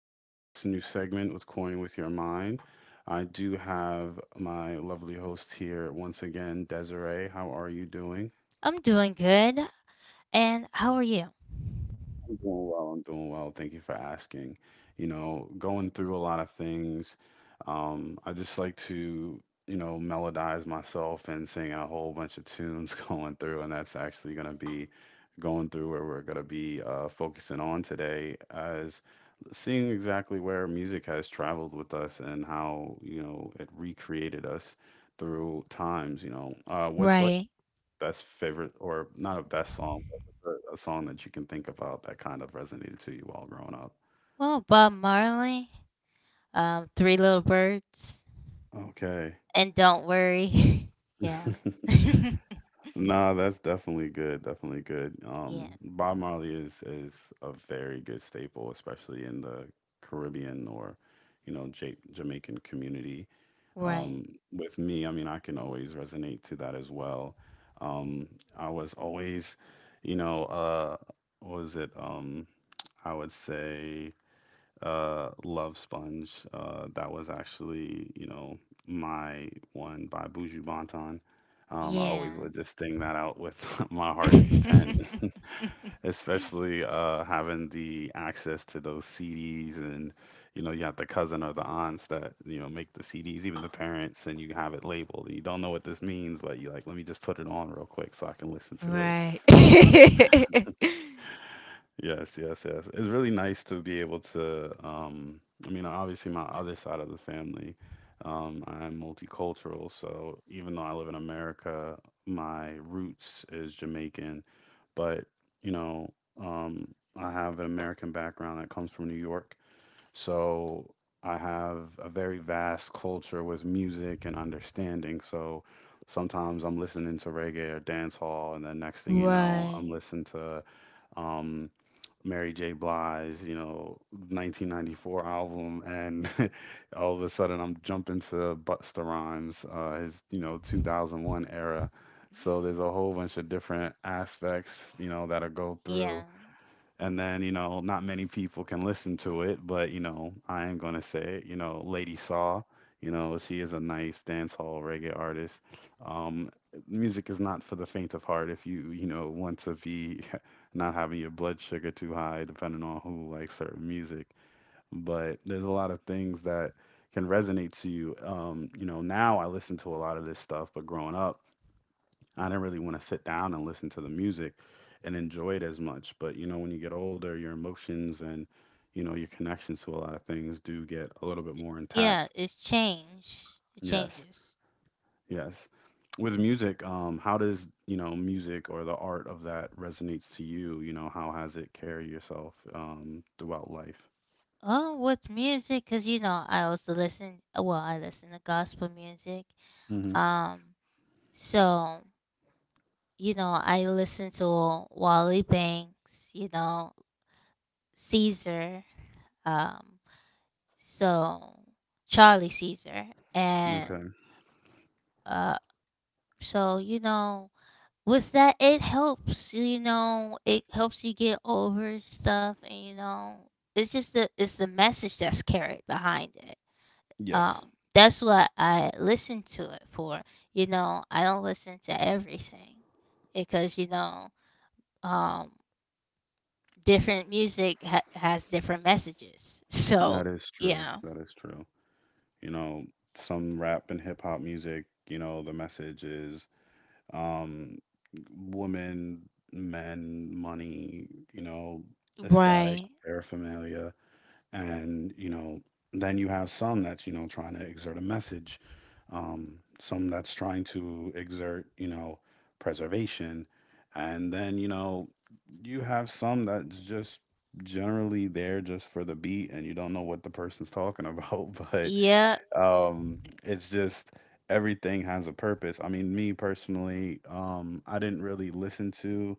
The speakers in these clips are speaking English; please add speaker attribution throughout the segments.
Speaker 1: into this new segment with Coin with Your Mind. I do have my lovely host here once again, Desiree. How are you doing?
Speaker 2: I'm doing good. And how are you?
Speaker 1: I'm doing well. I'm doing well. Thank you for asking. You know, going through a lot of things. I just like to, you know, melodize myself and sing a whole bunch of tunes going through, and that's actually going to be going through where we're going to be focusing on today as seeing exactly where music has traveled with us and how, you know, it recreated us through times, you know. What's
Speaker 2: Right.
Speaker 1: best favorite or not a best song, but a song that you can think about that kind of resonated to you while growing up?
Speaker 2: Well, Bob Marley, Three Little Birds,
Speaker 1: Okay.
Speaker 2: and Don't Worry. Yeah.
Speaker 1: Nah, that's definitely good. Definitely good.
Speaker 2: Yeah.
Speaker 1: Bob Marley is a very good staple, especially in the Caribbean or, you know, J Jamaican community.
Speaker 2: Right.
Speaker 1: With me, I mean, I can always resonate to that as well. Um, I was always, you know, what was it? I would say Love Sponge. That was actually, you know, my one by Buju Banton. I
Speaker 2: Yeah.
Speaker 1: always would just sting that out with my heart's content, especially having the access to those CDs and, you know, you have the cousin or the aunts that, you know, make the CDs, even the parents, and you have it labeled. And you don't know what this means, but you like, let me just put it on real quick so I can listen to it.
Speaker 2: Right.
Speaker 1: Yes, yes, yes. It's really nice to be able to, I mean, obviously my other side of the family, I'm multicultural, so even though I live in America, my roots is Jamaican, but you know, I have an American background that comes from New York, so I have a very vast culture with music and understanding. So sometimes I'm listening to reggae or dance hall, and then next thing you know, I'm
Speaker 2: Right.
Speaker 1: listening to. um Mary J. Blige, you know, 1994 album, and all of a sudden I'm jumping to Busta Rhymes, his, you know, 2001 era. So there's a whole bunch of different aspects, you know, that'll go through.
Speaker 2: Yeah.
Speaker 1: And then, you know, not many people can listen to it, but you know, I am going to say it. You know, Lady Saw, you know, she is a nice dancehall reggae artist. um Music is not for the faint of heart if you, you know, want to be not having your blood sugar too high depending on who likes certain music. But there's a lot of things that can resonate to you. You know, now I listen to a lot of this stuff, but growing up I didn't really want to sit down and listen to the music and enjoy it as much. But you know, when you get older, your emotions and, you know, your connections to a lot of things do get a little bit more
Speaker 2: Yeah,
Speaker 1: intact.
Speaker 2: it's changed. It
Speaker 1: Yes,
Speaker 2: changes.
Speaker 1: yes. With music, how does, you know, music or the art of that resonates to you? You know, how has it carry yourself, throughout life?
Speaker 2: Oh, with music, because you know, I also listen, well, I listen to gospel music.
Speaker 1: Hmm.
Speaker 2: Um, so you know, I listen to Wally Banks, you know, Caesar, um, so Charlie Caesar, and
Speaker 1: Okay.
Speaker 2: uh, so you know, with that, it helps. You know, it helps you get over stuff, and you know, it's just the it's the message that's carried behind it.
Speaker 1: Yes,
Speaker 2: That's what I listen to it for. You know, I don't listen to everything because you know um different music has different messages. So
Speaker 1: that is true.
Speaker 2: yeah,
Speaker 1: That is true. You know, some rap and hip hop music. You know, the message is, um, women, men, money, you know, ecstatic
Speaker 2: right,
Speaker 1: paraphernalia, and you know, then you have some that's, you know, trying to exert a message, um, some that's trying to exert, you know, preservation, and then, you know, you have some that's just generally there just for the beat and you don't know what the person's talking about but
Speaker 2: yeah,
Speaker 1: it's just everything has a purpose. I mean, me personally, I didn't really listen to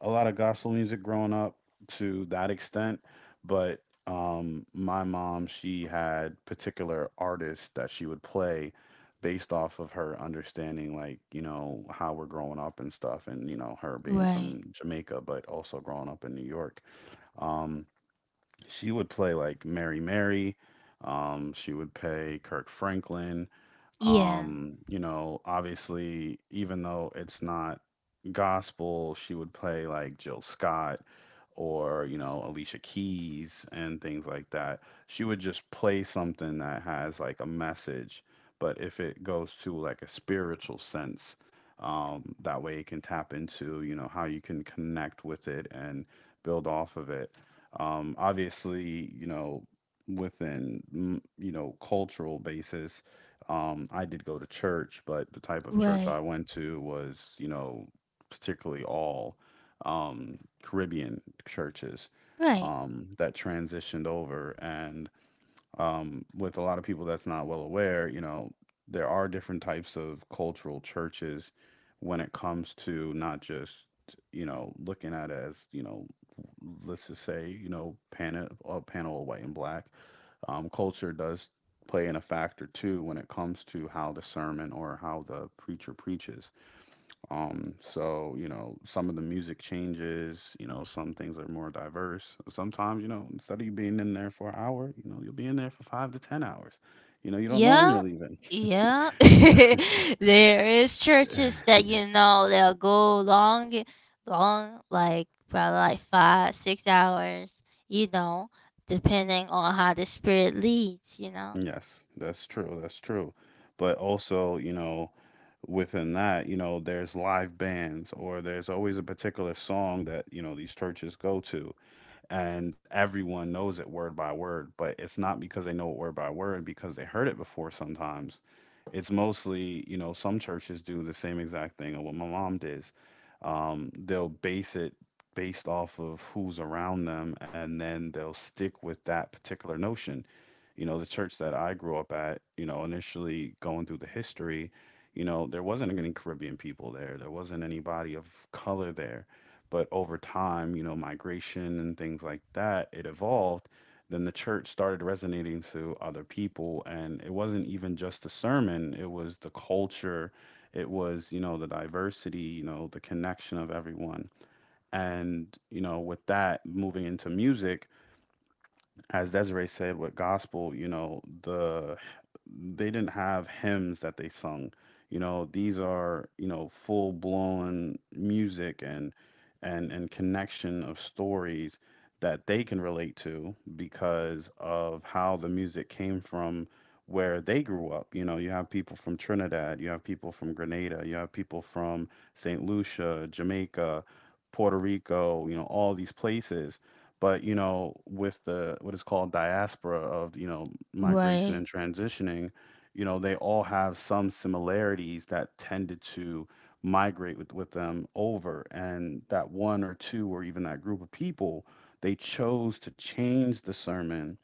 Speaker 1: a lot of gospel music growing up to that extent, but my mom, she had particular artists that she would play based off of her understanding, like, you know, how we're growing up and stuff, and, you know, her being
Speaker 2: right,
Speaker 1: from Jamaica, but also growing up in New York. Um, she would play like Mary Mary. She would play Kirk Franklin.
Speaker 2: yeah,
Speaker 1: You know, obviously, even though it's not gospel, she would play like Jill Scott or, you know, Alicia Keys and things like that. She would just play something that has like a message, but if it goes to like a spiritual sense, that way it can tap into, you know, how you can connect with it and build off of it. Obviously, you know, within you know, cultural basis. I did go to church, but the type of church
Speaker 2: right,
Speaker 1: I went to was, you know, particularly all um, Caribbean churches,
Speaker 2: right,
Speaker 1: that transitioned over. And with a lot of people that's not well aware, you know, there are different types of cultural churches when it comes to not just, you know, looking at it as, you know, let's just say, you know, panel, panel of white and black. Culture does play in a factor too when it comes to how the sermon or how the preacher preaches. So, you know, some of the music changes, you know, some things are more diverse. Sometimes, you know, instead of you being in there for an hour, you know, you'll be in there for five to 10 hours. You know, you don't know when
Speaker 2: yeah,
Speaker 1: you're leaving.
Speaker 2: yeah. There is churches that, you know, they'll go long long like probably like 5-6 hours, you know, depending on how the spirit leads, you know.
Speaker 1: Yes, that's true. That's true. But also, you know, within that, you know, there's live bands or there's always a particular song that, you know, these churches go to. And everyone knows it word by word, but it's not because they know it word by word because they heard it before sometimes. It's mostly, you know, some churches do the same exact thing of what my mom does. They'll base it based off of who's around them and then they'll stick with that particular notion. You know, the church that I grew up at, you know, initially going through the history, you know, there wasn't any Caribbean people there. There wasn't anybody of color there. But over time, you know, migration and things like that, it evolved. Then the church started resonating to other people. And it wasn't even just the sermon, it was the culture, it was, you know, the diversity, you know, the connection of everyone, and you know, with that moving into music, as Desiree said, with gospel, you know, they didn't have hymns that they sung. You know, these are, you know, full blown music, and and connection of stories that they can relate to because of how the music came from where they grew up. You know, you have people from Trinidad, you have people from Grenada, you have people from St. Lucia, Jamaica, Puerto Rico, you know, all these places. But you know, with the, what is called, diaspora of, you know, migration
Speaker 2: Right.
Speaker 1: and transitioning, you know, they all have some similarities that tended to migrate with them over, and that one or two or even that group of people, they chose to change the sermon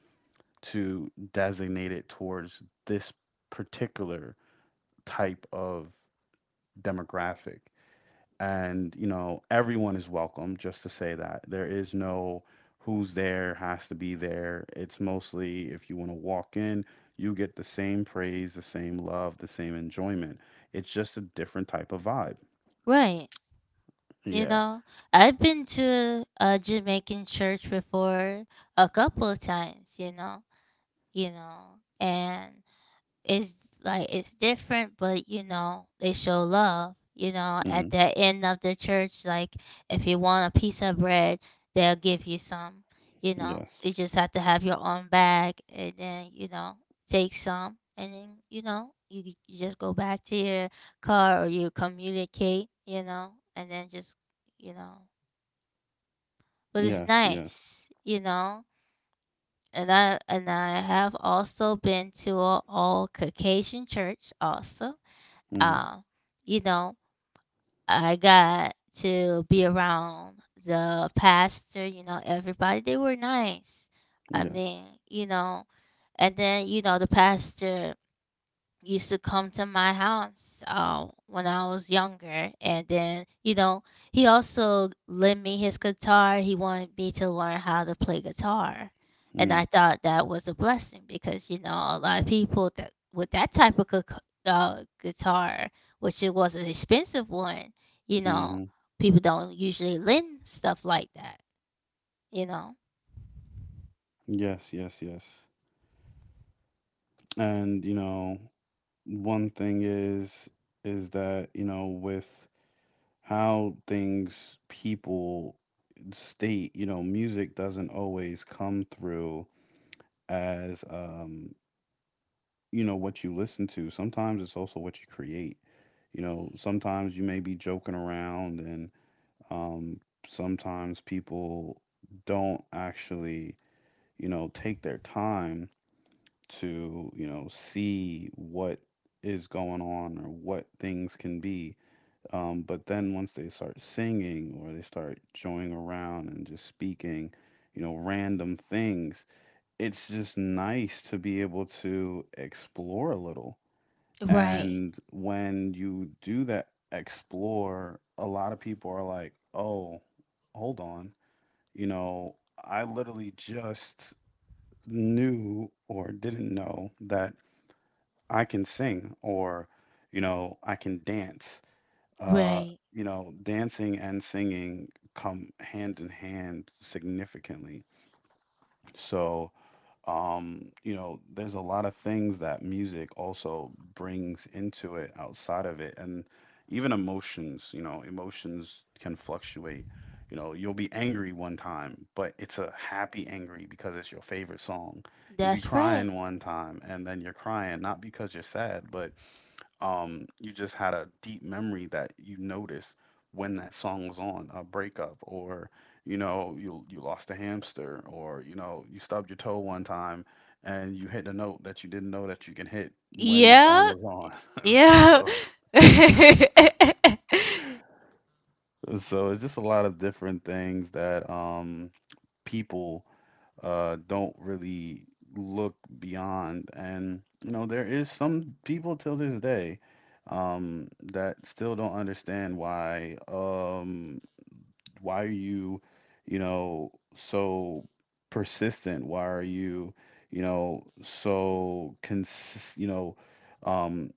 Speaker 1: to designate it towards this particular type of demographic. And you know, everyone is welcome. Just to say that there is no who's there has to be there. It's mostly if you want to walk in, you get the same praise, the same love, the same enjoyment. It's just a different type of vibe.
Speaker 2: Right. You
Speaker 1: Yeah.
Speaker 2: know, I've been to a Jamaican church before a couple of times, you know, and it's like it's different, but you know they show love, you know, at
Speaker 1: Hmm.
Speaker 2: the end of the church. Like, if you want a piece of bread, they'll give you some. You know,
Speaker 1: Yes,
Speaker 2: you just have to have your own bag, and then, you know, take some, and then, you know, you just go back to your car, or you communicate, you know, and then just, you know, but it's
Speaker 1: yes, yes.
Speaker 2: nice, you know. And I have also been to a all Caucasian church also.
Speaker 1: Hmm.
Speaker 2: Um, you know, I got to be around the pastor, you know, everybody. They were nice. I
Speaker 1: Yes.
Speaker 2: mean, you know, and then, you know, the pastor used to come to my house when I was younger. And then, you know, he also lent me his guitar. He wanted me to learn how to play guitar. And I
Speaker 1: Mm.
Speaker 2: thought that was a blessing because, you know, a lot of people that with that type of guitar, which it was an expensive one, you know,
Speaker 1: Hmm.
Speaker 2: people don't usually lend stuff like that, you know.
Speaker 1: Yes, yes, yes. And you know, one thing is that you know, with how things people state, you know, music doesn't always come through as, you know, what you listen to. Sometimes it's also what you create. You know, sometimes you may be joking around and, um sometimes people don't actually, you know, take their time to, you know, see what is going on or what things can be. But then once they start singing or they start showing around and just speaking, you know, random things, it's just nice to be able to explore a little.
Speaker 2: Right,
Speaker 1: And when you do that, explore, a lot of people are like, oh, hold on. You know, I literally just knew or didn't know that I can sing or, you know, I can dance, uh,
Speaker 2: right.
Speaker 1: you know, dancing and singing come hand in hand significantly. So, you know, there's a lot of things that music also brings into it outside of it. And even emotions, you know, emotions can fluctuate. You know, you'll be angry one time, but it's a happy angry because it's your favorite song. You'll be
Speaker 2: That's right.
Speaker 1: crying one time, and then you're crying not because you're sad, but you just had a deep memory that you noticed when that song was on, a breakup, or you know, you lost a hamster, or you know, you stubbed your toe one time and you hit a note that you didn't know that you can hit when the song
Speaker 2: Yeah,
Speaker 1: was on. so
Speaker 2: yeah. That
Speaker 1: so it's just a lot of different things that people don't really look beyond. And, you know, there is some people till this day, that still don't understand why are you, you know, so persistent? Why are you, you know, so cons? You know, um,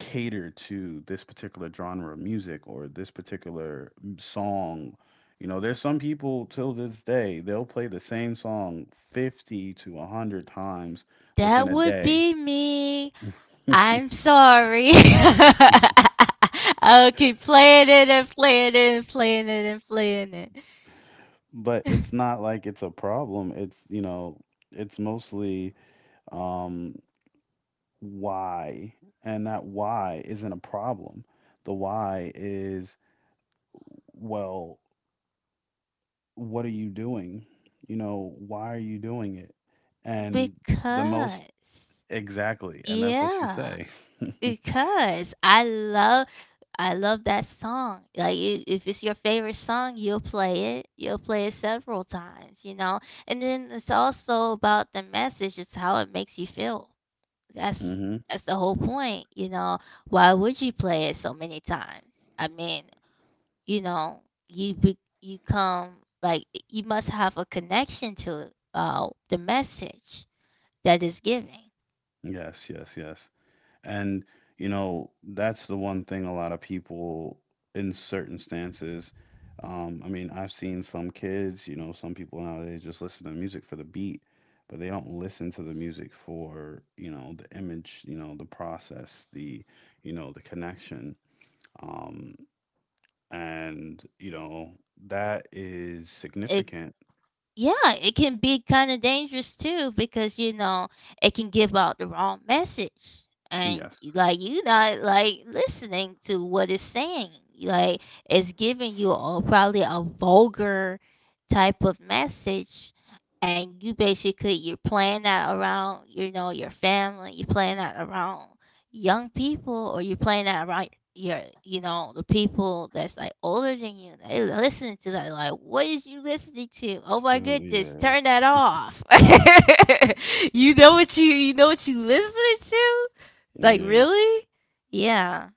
Speaker 1: cater to this particular genre of music or this particular song. You know, there's some people till this day, they'll play the same song 50 to 100 times within a
Speaker 2: would
Speaker 1: day,
Speaker 2: be me. I'm sorry. I'll keep playing it and playing it and playing it and playing it.
Speaker 1: but it's not like it's a problem. It's, you know, it's mostly um, why, and that why isn't a problem. The why is, well, what are you doing? You know, why are you doing it? And the
Speaker 2: because
Speaker 1: most Exactly, and that's what you
Speaker 2: yeah,
Speaker 1: say.
Speaker 2: because I love that song. Like, if it's your favorite song, you'll play it. You'll play it several times, you know. And then it's also about the message, it's how it makes you feel. That's
Speaker 1: Mhm.
Speaker 2: that's the whole point, you know. Why would you play it so many times? I mean, you know, you be, you come like you must have a connection to the message that is giving.
Speaker 1: Yes, yes, yes. And you know, that's the one thing a lot of people in certain stances, I mean, I've seen some kids, you know, some people nowadays just listen to music for the beat, but they don't listen to the music for, you know, the image, you know, the process, the, you know, the connection. Um, and you know, that is
Speaker 2: It.
Speaker 1: significant.
Speaker 2: Yeah, it can be kind of dangerous too, because you know it can give out the wrong message, and
Speaker 1: Yes.
Speaker 2: like you not like listening to what it's saying. Like, it's giving you a, probably a vulgar type of message, and you basically you're playing that around, you know, your family, you're playing that around young people, or you're playing that around your, you know, the people that's like older than you. They listening to that, like, what is you listening to? Oh my
Speaker 1: Oh,
Speaker 2: goodness,
Speaker 1: yeah.
Speaker 2: turn that off. You know what you know what you listening to, like,
Speaker 1: Yeah.
Speaker 2: really. Yeah.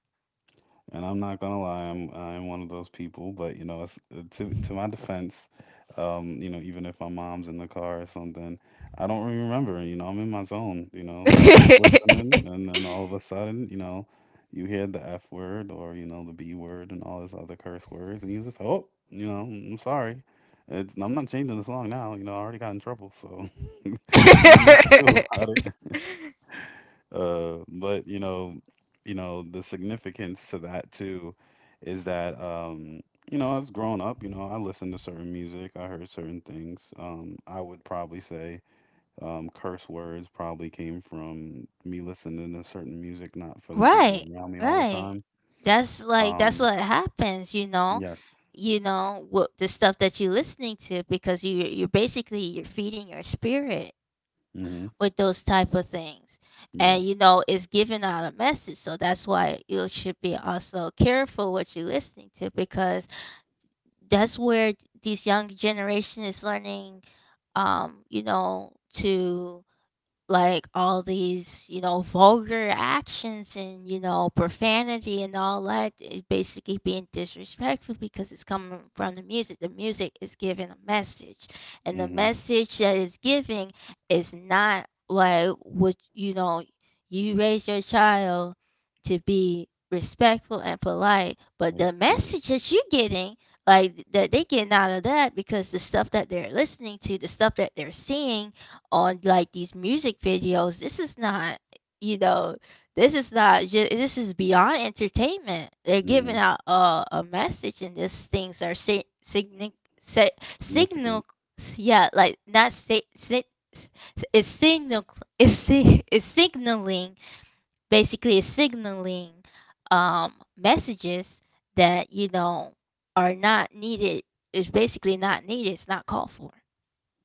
Speaker 1: And I'm not gonna lie, I'm one of those people. But you know, it's, to my defense, you know, even if my mom's in the car or something, I don't really remember. You know, I'm in my zone. You know, you're just listening, and then all of a sudden, you know, you hear the F word or you know the B word and all these other curse words, and you just oh, you know, I'm sorry. It's, I'm not changing the song now. You know, I already got in trouble, so nothing I can do about but you know, the significance to that too is that you know, I as growing up, you know, I listened to certain music, I heard certain things. I would probably say curse words probably came from me listening to certain music, not from the people
Speaker 2: Right.
Speaker 1: around me all the
Speaker 2: Right.
Speaker 1: time.
Speaker 2: That's like that's
Speaker 1: Um,
Speaker 2: what happens, you know.
Speaker 1: yes.
Speaker 2: You know what, the stuff that you're listening to, because you, you're basically you're feeding your spirit
Speaker 1: Mm-hmm.
Speaker 2: with those type of things. And you
Speaker 1: Yes.
Speaker 2: know it's giving out a message. So that's why you should be also careful what you're listening to, because that's where these young generation is learning, you know, to, like, all these, you know, vulgar actions, and, you know, profanity, and all that is basically being disrespectful, because it's coming from the music. The music is giving a message, and the
Speaker 1: Mm-hmm.
Speaker 2: message that is giving is not like what, you know, you raise your child to be respectful and polite. But
Speaker 1: Right.
Speaker 2: the
Speaker 1: Yes.
Speaker 2: message that you're getting, like, that they getting out of that, because the stuff that they're listening to, the stuff that they're seeing on, like, these music videos. This is not, you know, this is not just, this is beyond entertainment. They're
Speaker 1: Mm-hmm.
Speaker 2: giving out a message, and these things are si-
Speaker 1: Significant.
Speaker 2: signal, yeah, like not s- it's signal, it's, it's signaling, basically it's signaling messages that, you know, are not needed. It's basically not needed. It's not called for.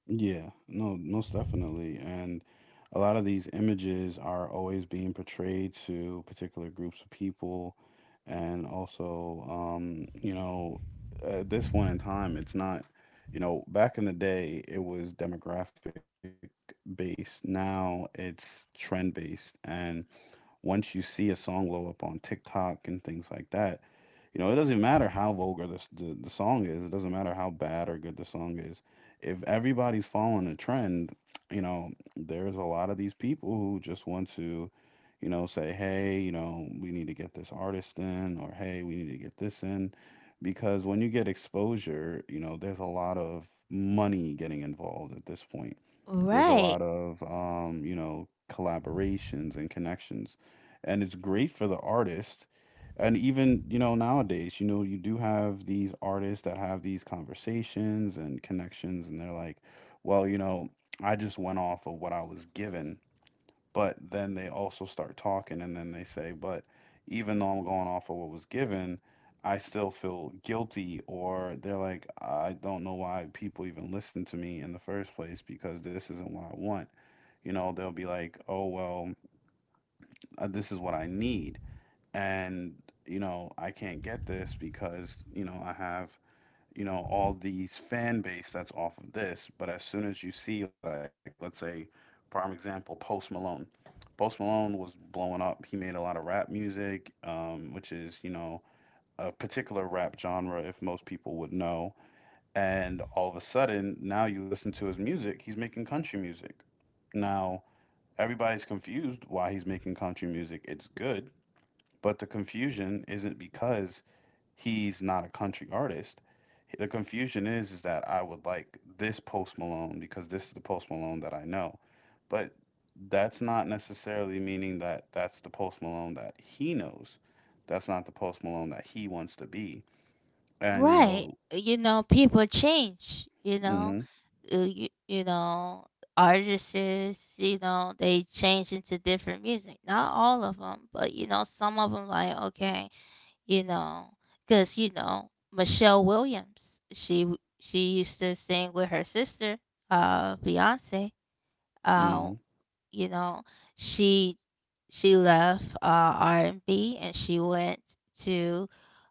Speaker 1: Yeah, no, most definitely. And a lot of these images are always being portrayed to particular groups of people. And also, you know, at this one in time, it's not, you know, back in the day, it was demographic based. Now it's trend based. And once you see a song blow up on TikTok and things like that, you know, it doesn't matter how vulgar the, the song is. It doesn't matter how bad or good the song is. If everybody's following a trend, you know, there's a lot of these people who just want to, you know, say, hey, you know, we need to get this artist in, or hey, we need to get this in, because when you get exposure, you know, there's a lot of money getting involved at this point. There's a
Speaker 2: Right.
Speaker 1: lot of you know, collaborations and connections. And it's great for the artist. And even, you know, nowadays, you know, you do have these artists that have these conversations and connections and they're like, well, you know, I just went off of what I was given but then they also start talking, and then they say, but even though I'm going off of what was given, I still feel guilty, or they're like, I don't know why people even listen to me in the first place because this isn't what I want. You know, they'll be like, oh, well, this is what I need. And, you know, I can't get this because, you know, I have you know, all these fan base that's off of this. But as soon as you see, like, let's say, prime example, Post Malone. Post Malone was blowing up. He made a lot of rap music, which is, you know, a particular rap genre, if most people would know. And all of a sudden, now you listen to his music, he's making country music. Now, everybody's confused why he's making country music. It's good, but the confusion isn't because he's not a country artist. The confusion is that I would like this Post Malone because this is the Post Malone that I know. But that's not necessarily meaning that that's the Post Malone that he knows. That's not the Post Malone that he wants to be. And you
Speaker 2: Right.
Speaker 1: know,
Speaker 2: You know, people change, you know.
Speaker 1: mhm,
Speaker 2: You, you know, artists, you know, they change into different music. Not all of them, but you know, some of them, like, okay, you know, cuz you know, Michelle Williams, she used to sing with her sister, Beyonce. Uh,
Speaker 1: mhm,
Speaker 2: you know, she she left R&B and B, and she went to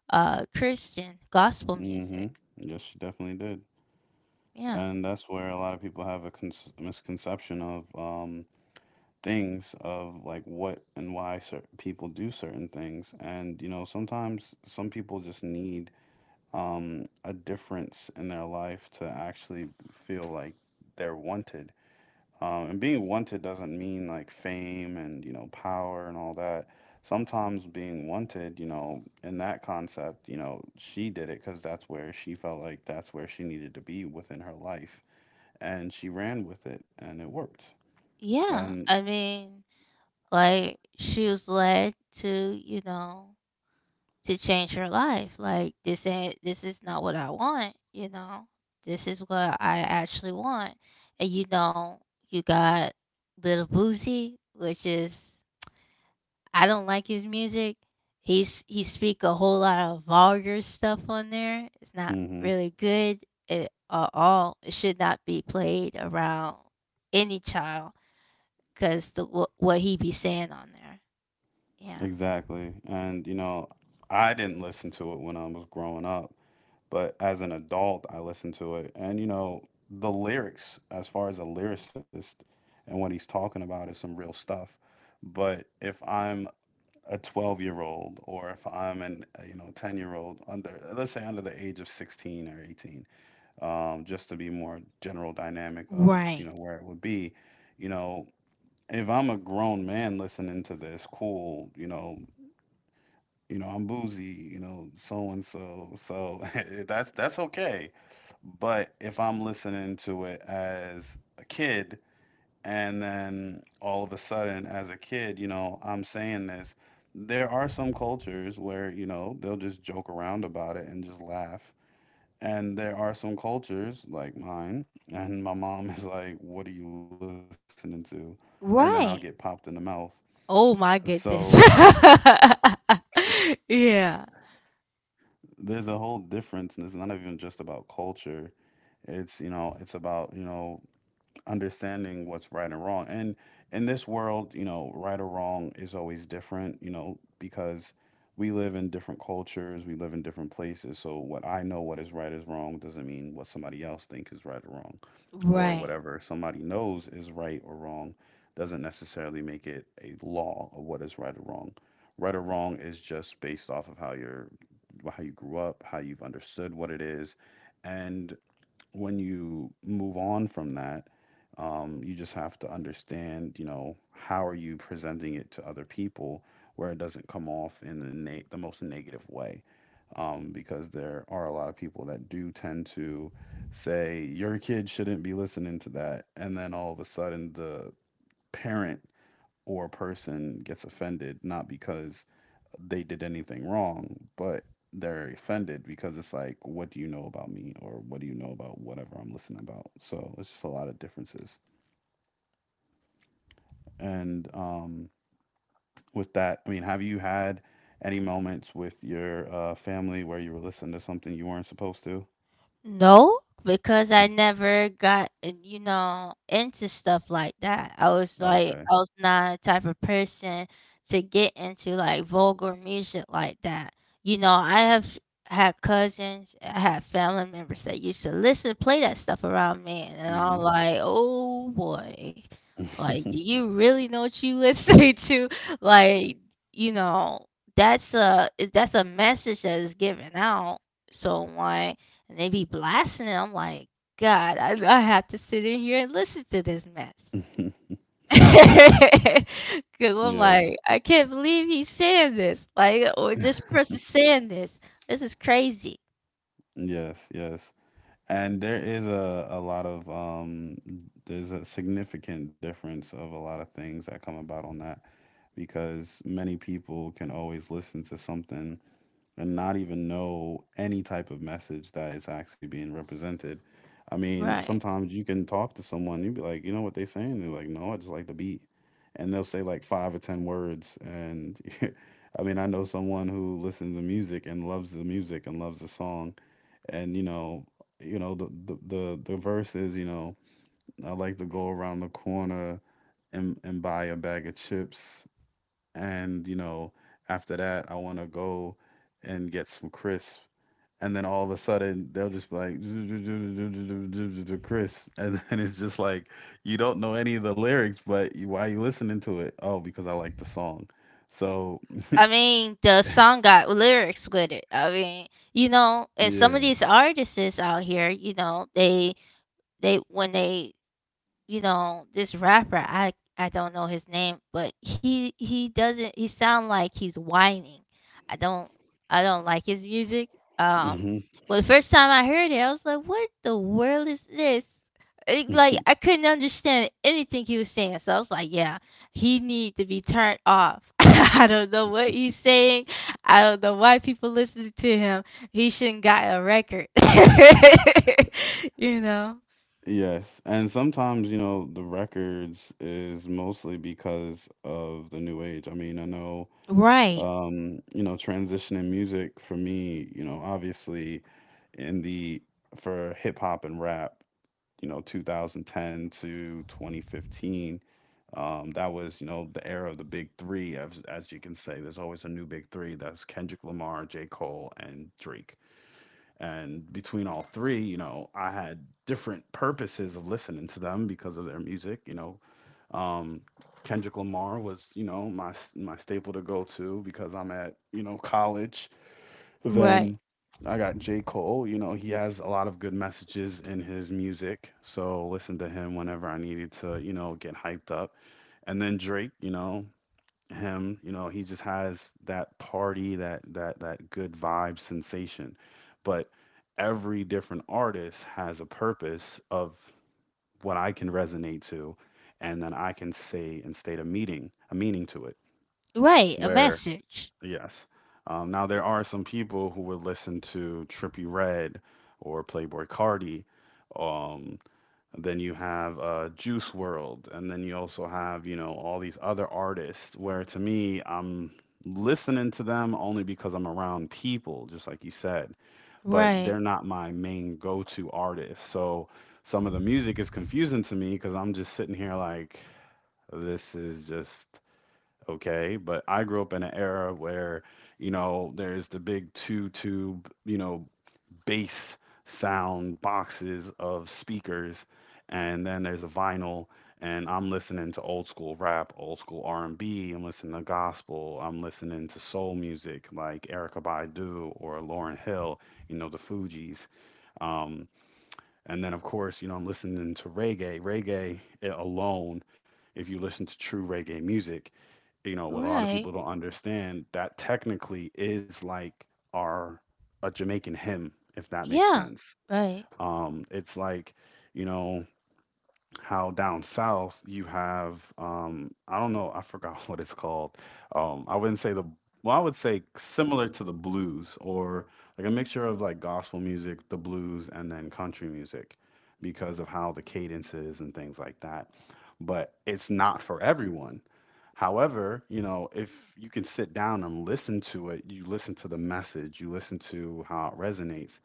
Speaker 2: Christian gospel music.
Speaker 1: mhm. Yes, she definitely did.
Speaker 2: Yeah.
Speaker 1: And that's where a lot of people have a con misconception of things of like what and why cer people do certain things. And, you know, sometimes some people just need a difference in their life to actually feel like they're wanted. And being wanted doesn't mean like fame and, you know, power and all that. Sometimes being wanted, you know, in that concept, you know, she did it because that's where she felt like that's where she needed to be within her life. And she ran with it and it worked.
Speaker 2: Yeah.
Speaker 1: And,
Speaker 2: I mean, like she was led to, you know, to change her life. Like, this ain't this is not what I want, you know. This is what I actually want. And you know, you got Little Boozy, which is, I don't like his music. He speak a whole lot of vulgar stuff on there. It's not really good at all. It should not be played around any child, 'cause the what he be saying on there. Yeah.
Speaker 1: exactly. And, you know, I didn't listen to it when I was growing up, but as an adult, I listened to it. And, you know, the lyrics, as far as a lyricist and what he's talking about, is some real stuff. But if I'm a 12-year-old or if I'm an, you know, 10-year-old under, let's say under the age of 16 or 18, just to be more general dynamic of, you
Speaker 2: Right.
Speaker 1: know, where it would be, you know, if I'm a grown man listening to this, cool, you know, I'm boozy, you know, so and so. So that's okay. But if I'm listening to it as a kid and then all of a sudden as a kid, you know, I'm saying this, there are some cultures where, you know, they'll just joke around about it and just laugh. And there are some cultures like mine, and my mom is like, "What are you listening to?" And then I'll get popped in the
Speaker 2: Right.
Speaker 1: mouth.
Speaker 2: Oh my
Speaker 1: So
Speaker 2: goodness. Yeah.
Speaker 1: there's a whole difference and it's not even just about culture, it's you know it's about you know understanding what's right and wrong. And in this world, you know, right or wrong is always different, you know, because we live in different cultures, we live in different places. So what I know what is right is wrong doesn't mean what somebody else think is right or wrong, or
Speaker 2: Right.
Speaker 1: whatever somebody knows is right or wrong doesn't necessarily make it a law of what is right or wrong. Right or wrong is just based off of how you're how you grew up, how you've understood what it is, and when you move on from that, you just have to understand, you know, how are you presenting it to other people where it doesn't come off in the, the most negative way. Because there are a lot of people that do tend to say, your kid shouldn't be listening to that. And then all of a sudden, the parent or person gets offended, not because they did anything wrong, but they're offended because it's like, what do you know about me? Or what do you know about whatever I'm listening about? So it's just a lot of differences. And with that, I mean, have you had any moments with your family where you were listening to something you weren't supposed to?
Speaker 2: No, because I never got, you know, into stuff like that. I was like,
Speaker 1: Okay.
Speaker 2: I was not a type of person to get into like vulgar music like that. You know, I have had cousins, I had family members that used to listen, play that stuff around me, and I'm
Speaker 1: Hmm.
Speaker 2: like, oh boy, like, do you really know what you listening to? Like, you know, that's a message that is given out. So, like, and they be blasting it. I'm like, God, I have to sit in here and listen to this mess. Because I'm
Speaker 1: Yes,
Speaker 2: like, I can't believe he's saying this. Like, or this person's saying this. This is crazy.
Speaker 1: yes, yes. And there is a lot of there's a significant difference of a lot of things that come about on that. Because many people can always listen to something and not even know any type of message that is actually being represented. I mean,
Speaker 2: Right.
Speaker 1: sometimes you can talk to someone, you'd be like, you know what they saying? They're like, no, I just like the beat. And they'll say like five or ten words. And I mean, I know someone who listens to music and loves the music and loves the song. And you know the verse is, I like to go around the corner and buy a bag of chips. And after that I want to go and get some crisp. And then all of a sudden they'll just be like, chris. And then it's just like, you don't know any of the lyrics, but why are you listening to it? Oh, because I like the song. So
Speaker 2: I mean, the song got lyrics with it. I mean, you know, and
Speaker 1: yeah.
Speaker 2: some of these artists out here, you know, they when they you know this rapper I don't know his name, but he doesn't he sound like he's whining. I don't i don't like his music. um
Speaker 1: Hmm.
Speaker 2: well, the first time I heard it, I was like, what the world is this? Like, I couldn't understand anything he was saying, so I was like, yeah, he need to be turned off. I don't know what he's saying. I don't know why people listen to him. He shouldn't got a record. You know.
Speaker 1: Yes. And sometimes, you know, the records is mostly because of the new age. I mean I know
Speaker 2: Right.
Speaker 1: You know, transitioning music for me, you know, obviously in the for hip hop and rap, you know, 2010 to 2015, that was, you know, the era of the big three, as you can say. There's always a new big three. That's Kendrick Lamar, J. Cole, and Drake. And between all three, you know, I had different purposes of listening to them because of their music. Um, Kendrick Lamar was, you know, my staple to go to because I'm at, you know, college.
Speaker 2: Right,
Speaker 1: Then I got J. Cole. You know, he has a lot of good messages in his music, so listen to him whenever I needed to, you know, get hyped up. And then Drake, you know, him, you know, he just has that party, that good vibe sensation. But every different artist has a purpose of what I can resonate to, and then I can say and state a meaning to it.
Speaker 2: Right, a
Speaker 1: Where
Speaker 2: message.
Speaker 1: Yes. Now there are some people who would listen to Trippy Red or Playboy Cardi, um, then you have Juice World, and then you also have, you know, all these other artists, where to me, I'm listening to them only because I'm around people, just like you said. But
Speaker 2: Right.
Speaker 1: they're not my main go-to artist. So some of the music is confusing to me because I'm just sitting here like, this is just okay. But I grew up in an era where, you know, there's the big two tube, you know, bass sound boxes of speakers, and then there's a vinyl. And I'm listening to old school rap, old school R&B, I'm listening to gospel, I'm listening to soul music like Erica Baidu or Lauren Hill, you know, the Fugees. Um, and then, of course, you know, I'm listening to reggae. Reggae alone, if you listen to true reggae music, you know, what a lot of
Speaker 2: Right.
Speaker 1: people don't understand, that technically is like our a Jamaican hymn, if that makes
Speaker 2: Yeah.
Speaker 1: sense.
Speaker 2: Right.
Speaker 1: It's like, you know, how down south you have I don't know, I forgot what it's called. I wouldn't say the well, I would say similar to the blues, or like a mixture of like gospel music, the blues, and then country music, because of how the cadence is and things like that. But it's not for everyone. However, you know, if you can sit down and listen to it, you listen to the message, you listen to how it resonates.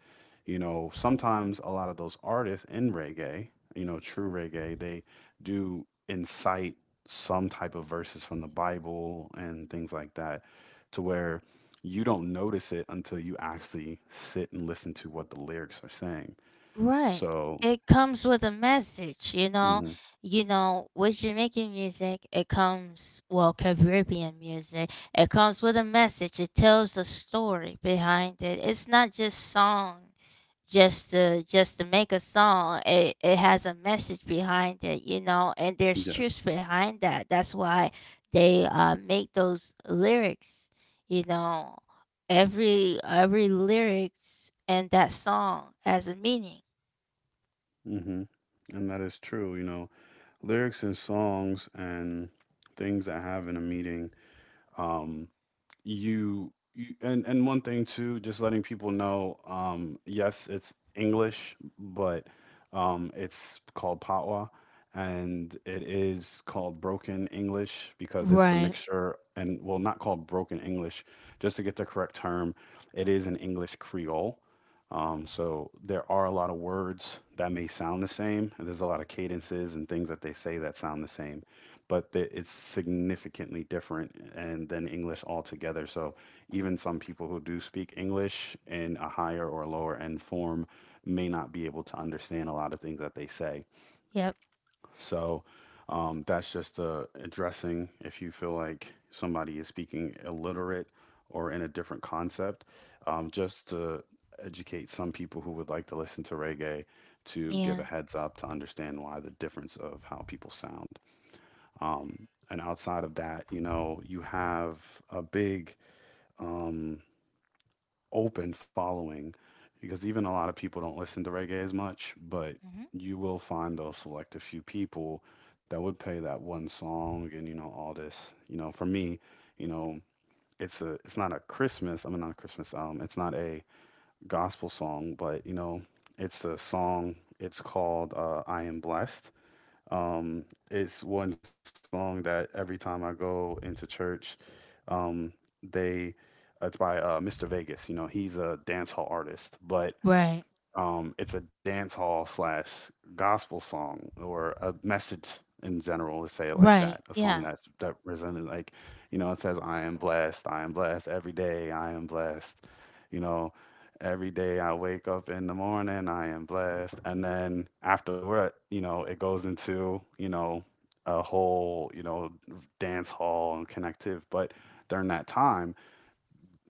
Speaker 1: You know, sometimes a lot of those artists in reggae, you know, true reggae, they do incite some type of verses from the Bible and things like that, to where you don't notice it until you actually sit and listen to what the lyrics are saying.
Speaker 2: Right.
Speaker 1: So,
Speaker 2: It comes with a message, you know.
Speaker 1: mhm,
Speaker 2: You know, with Jamaican music, it comes, well, Caribbean music, it comes with a message. It tells a story behind it. It's not just song. Just to make a song, it has a message behind it, you know. And there's
Speaker 1: yes.
Speaker 2: truth behind that. That's why they make those lyrics, you know. Every lyrics and that song has a meaning.
Speaker 1: Hmm. And that is true, you know, lyrics and songs and things that have in a meeting. Um, you and one thing too, just letting people know, yes, it's English, but it's called Patwa, and it is called broken English because it's a
Speaker 2: Right.
Speaker 1: mixture, and well, not called broken English, just to get the correct term, it is an English Creole. So there are a lot of words that may sound the same, and there's a lot of cadences and things that they say that sound the same, but it's significantly different and than English altogether. So even some people who do speak English in a higher or lower end form may not be able to understand a lot of things that they say.
Speaker 2: Yep.
Speaker 1: So that's just addressing if you feel like somebody is speaking illiterate or in a different concept, just to educate some people who would like to listen to reggae, to give
Speaker 2: Yeah.
Speaker 1: a heads up to understand why the difference of how people sound. And outside of that, you know, you have a big um, open following, because even a lot of people don't listen to reggae as much, but
Speaker 2: Hmm.
Speaker 1: you will find those select a few people that would play that one song and, you know, all this. You know, for me, you know, it's not a Christmas, I mean not a Christmas, it's not a gospel song, but, you know, it's a song, it's called I Am Blessed. um, it's one song that every time I go into church, um, they it's by Mr. Vegas. You know, he's a dance hall artist, but
Speaker 2: Right.
Speaker 1: it's a dance hall slash gospel song, or a message in general. Let's say it like
Speaker 2: Right.
Speaker 1: that. A song
Speaker 2: Yeah.
Speaker 1: that's that resonated like, you know, it says, "I am blessed. I am blessed every day. I am blessed." You know, every day I wake up in the morning, I am blessed. And then afterward, you know, it goes into, you know, a whole, you know, dance hall and connective. But during that time,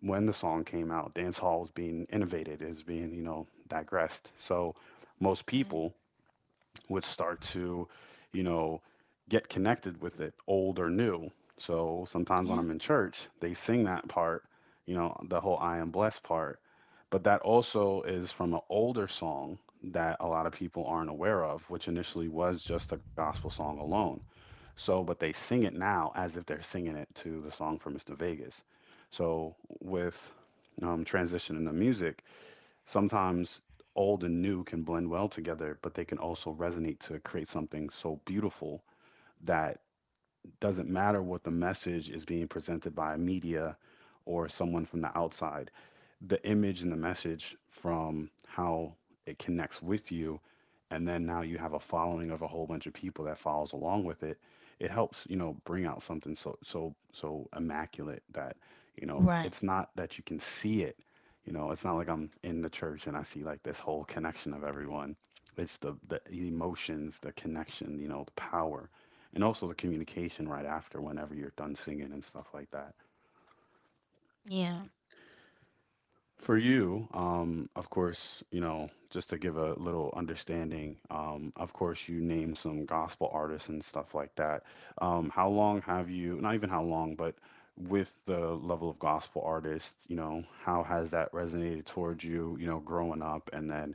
Speaker 1: when the song came out, dance hall was being innovated, is being, you know, digressed. So most
Speaker 2: Right.
Speaker 1: people would start to, you know, get connected with it, old or new. So sometimes when
Speaker 2: Yeah.
Speaker 1: I'm in church, they sing that part, you know, the whole I am blessed part. But that also is from an older song that a lot of people aren't aware of, which initially was just a gospel song alone. So, but they sing it now as if they're singing it to the song for Mr. Vegas. So, with transitioning to music, sometimes old and new can blend well together, but they can also resonate to create something so beautiful that doesn't matter what the message is being presented by media or someone from the outside. The image and the message from how it connects with you, and then now you have a following of a whole bunch of people that follows along with it. It helps, you know, bring out something so immaculate that, you know,
Speaker 2: Right.
Speaker 1: it's not that you can see it. You know, it's not like I'm in the church and I see like this whole connection of everyone. It's the emotions, the connection, you know, the power, and also the communication right after whenever you're done singing and stuff like that.
Speaker 2: Yeah.
Speaker 1: For you, of course, you know, just to give a little understanding, of course, you name some gospel artists and stuff like that. How long have you, not even how long, but with the level of gospel artists, you know, how has that resonated towards you, you know, growing up and then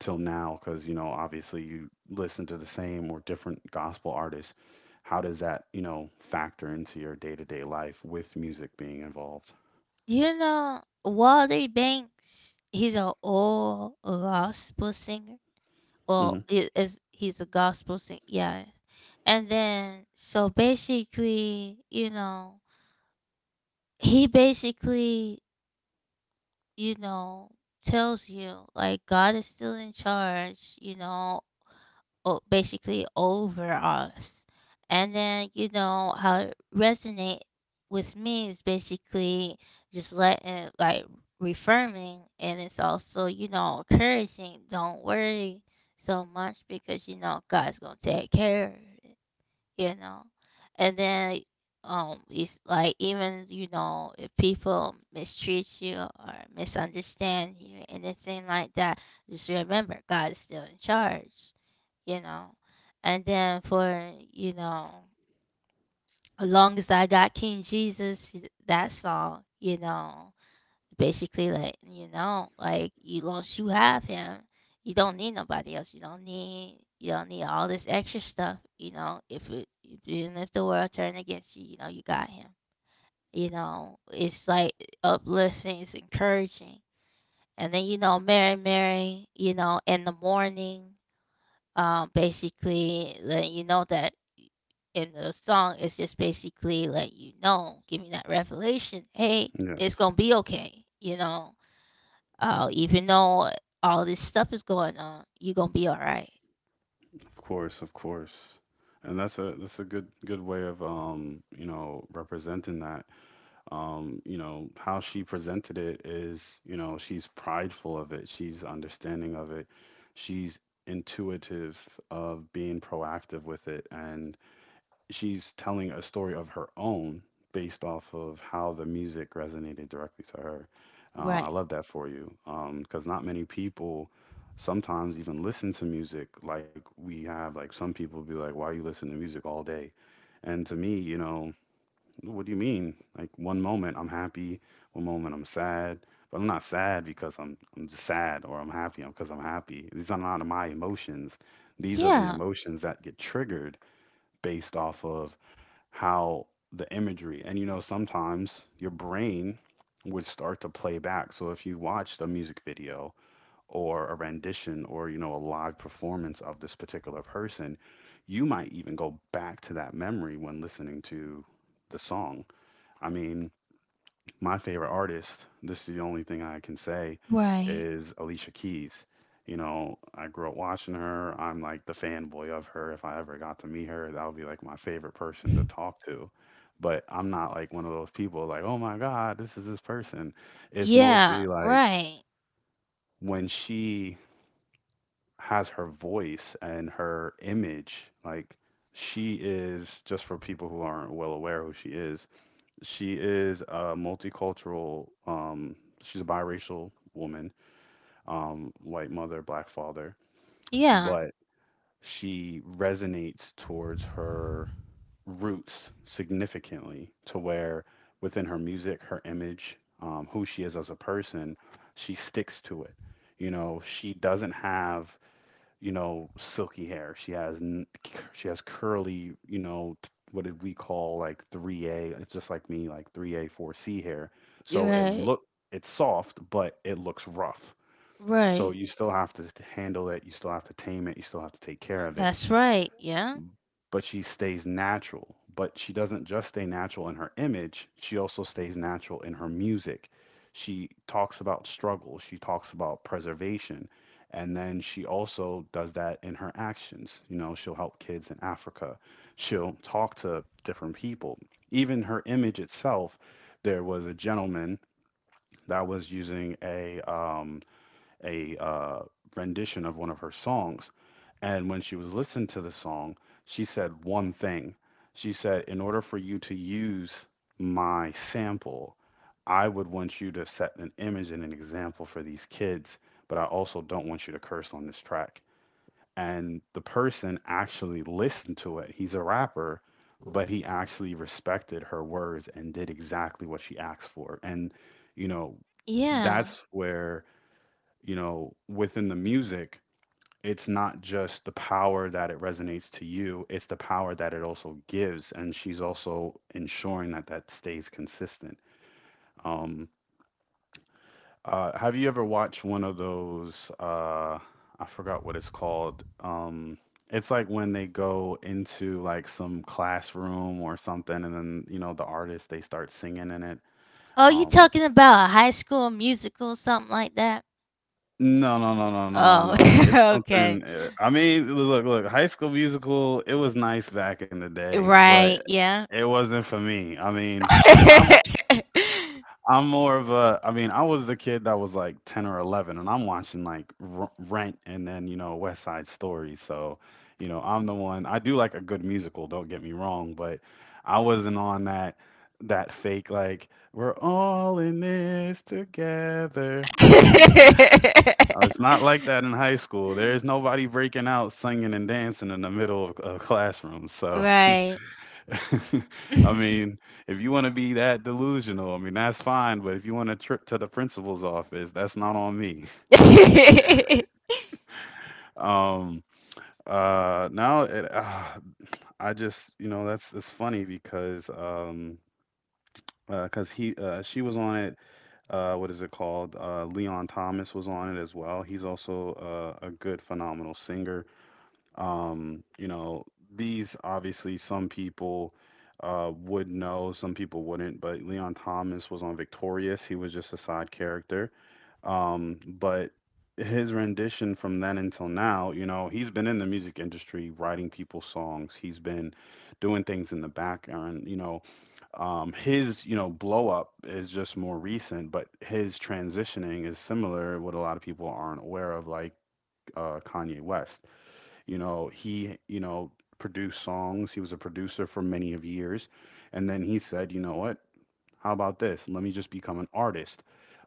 Speaker 1: till now? Because, you know, obviously you listen to the same or different gospel artists. How does that, you know, factor into your day-to-day life with music being involved?
Speaker 2: You know Walter Banks, he's an old gospel singer. Well,
Speaker 1: Hmm.
Speaker 2: it is he's a gospel singer. Yeah. And then so basically, you know, he basically, you know, tells you, like, God is still in charge, you know, basically over us. And then, you know, how it resonate with me is basically just letting, like, reaffirming. And it's also, you know, encouraging. Don't worry so much, because, you know, God's going to take care of it, you know. And then, it's like, even, you know, if people mistreat you or misunderstand you, anything like that, just remember God is still in charge, you know. And then for, you know, as long as I got King Jesus, that song, you know, basically like, you know, like you once you have him, you don't need nobody else. You don't need all this extra stuff, you know, if it even if the world turned against you, you know, you got him. You know, it's like uplifting, it's encouraging. And then, you know, Mary Mary, you know, In the Morning, basically letting you know that in the song, it's just basically letting you know, giving that revelation, hey, it's
Speaker 1: Yes.
Speaker 2: gonna be okay, you know. Even though all this stuff is going on, you're gonna be all right.
Speaker 1: Of course, of course. And that's a good way of you know, representing that. You know, how she presented it is, you know, she's prideful of it, she's understanding of it, she's intuitive of being proactive with it, and she's telling a story of her own based off of how the music resonated directly to her. I
Speaker 2: Right.
Speaker 1: love that for you, because not many people sometimes even listen to music like we have. Like some people be like, "Why you listen to music all day?" And to me, you know, what do you mean? Like one moment I'm happy, one moment I'm sad, but I'm not sad because I'm just sad, or I'm happy because I'm happy. These are not my emotions. These are the
Speaker 2: Yeah.
Speaker 1: emotions that get triggered based off of how the imagery, and you know, sometimes your brain would start to play back. So if you watched a music video or a rendition, or you know, a live performance of this particular person, you might even go back to that memory when listening to the song. I mean, my favorite artist, this is the only thing I can say,
Speaker 2: Right.
Speaker 1: is Alicia Keys. You know, I grew up watching her. I'm like the fanboy of her. If I ever got to meet her, that would be like my favorite person to talk to. But I'm not like one of those people like, oh my God, this is this person. It's
Speaker 2: Yeah.
Speaker 1: mostly like
Speaker 2: Right.
Speaker 1: when she has her voice and her image, like she is, just for people who aren't well aware who she is a multicultural, she's a biracial woman, white mother, black father,
Speaker 2: Yeah.
Speaker 1: but she resonates towards her roots significantly to where within her music, her image, who she is as a person, she sticks to it. You know, she doesn't have, you know, silky hair. She has curly, you know, what did we call, like 3A? It's just like me, like 3A, 4C hair. So
Speaker 2: Right.
Speaker 1: it's soft, but it looks rough. So
Speaker 2: Right.
Speaker 1: you still have to handle it. You still have to tame it. You still have to take care of it,
Speaker 2: That's right. Yeah.
Speaker 1: but she stays natural. But she doesn't just stay natural in her image, she also stays natural in her music. She talks about struggle, she talks about preservation, and then she also does that in her actions. You know, she'll help kids in Africa, she'll talk to different people. Even her image itself, there was a gentleman that was using a rendition of one of her songs. And when she was listening to the song, she said one thing. She said, "In order for you to use my sample, I would want you to set an image and an example for these kids, but I also don't want you to curse on this track." And the person actually listened to it. He's a rapper, but he actually respected her words and did exactly what she asked for. And, you know,
Speaker 2: Yeah.
Speaker 1: that's where you know, within the music, it's not just the power that it resonates to you, it's the power that it also gives. And she's also ensuring that that stays consistent. Um, have you ever watched one of those? I forgot what it's called. It's like when they go into like some classroom or something, and then you know the artist they start singing in it.
Speaker 2: Oh, you
Speaker 1: um,
Speaker 2: talking about a High School Musical, something like that?
Speaker 1: No, no, no, no, no, no,
Speaker 2: Oh,
Speaker 1: no. It's
Speaker 2: okay.
Speaker 1: something. I mean, look, look. High School Musical. It was nice back in the day, but
Speaker 2: Right, yeah.
Speaker 1: it wasn't for me. I mean, I wa- I'm more of a. I mean, I was the kid that was like 10 or 11, and I'm watching like R Rent and then you know West Side Story. So, you know, I'm the one. I do like a good musical. Don't get me wrong, but I wasn't on that that fake like we're all in this together and it's not like that in high school. There is nobody breaking out singing and dancing in the middle of a classroom. So,
Speaker 2: Right.
Speaker 1: I mean, if you want to be that delusional, I mean, that's fine. But if you want to trip to the principal's office, that's not on me. Um, Now I just, you know, that's it's funny because 'cause she was on it. What is it called? Leon Thomas was on it as well. He's also a good, phenomenal singer. You know, these obviously some people would know, some people wouldn't, but Leon Thomas was on Victorious. He was just a side character. But his rendition from then until now, you know, he's been in the music industry writing people's songs. He's been doing things in the background, you know. His, you know, blow up is just more recent, but his transitioning is similar what a lot of people aren't aware of, like Kanye West. You know, he produced songs. He was a producer for many of years. And then he said, you know what? How about this? Let me just become an artist.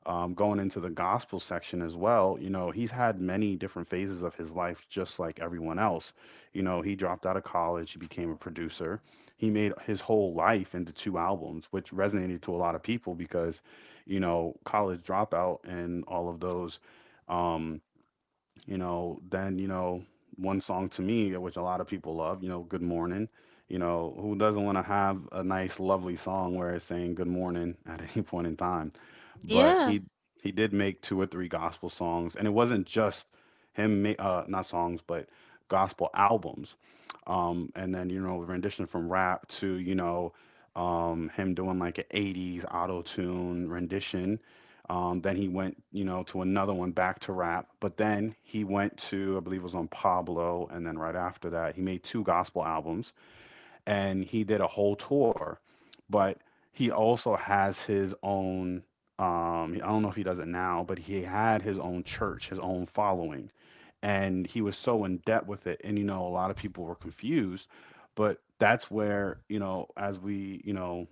Speaker 1: Going into the gospel section as well, you know, he's had many different phases of his life, just like everyone else. You know, he dropped out of college, he became a producer. He made his whole life into two albums, which resonated to a lot of people because, you know, college dropout and all of those. Um, then, one song to me, which a lot of people love, you know, Good Morning. You know, who doesn't want to have a nice, lovely song where it's saying good morning at any point in time? But
Speaker 2: Yeah.
Speaker 1: He did make two or three gospel songs, and it wasn't just him, not songs, but gospel albums. And then, you know, rendition from rap to, you know, him doing like an 80s auto tune rendition. Then he went, you know, to another one back to rap. But then he went to, I believe it was on Pablo, and then right after that, he made two gospel albums and he did a whole tour. But he also has his own. I don't know if he does it now, but he had his own church, his own following, and he was so in debt with it. And you know, a lot of people were confused, but that's where you know, as we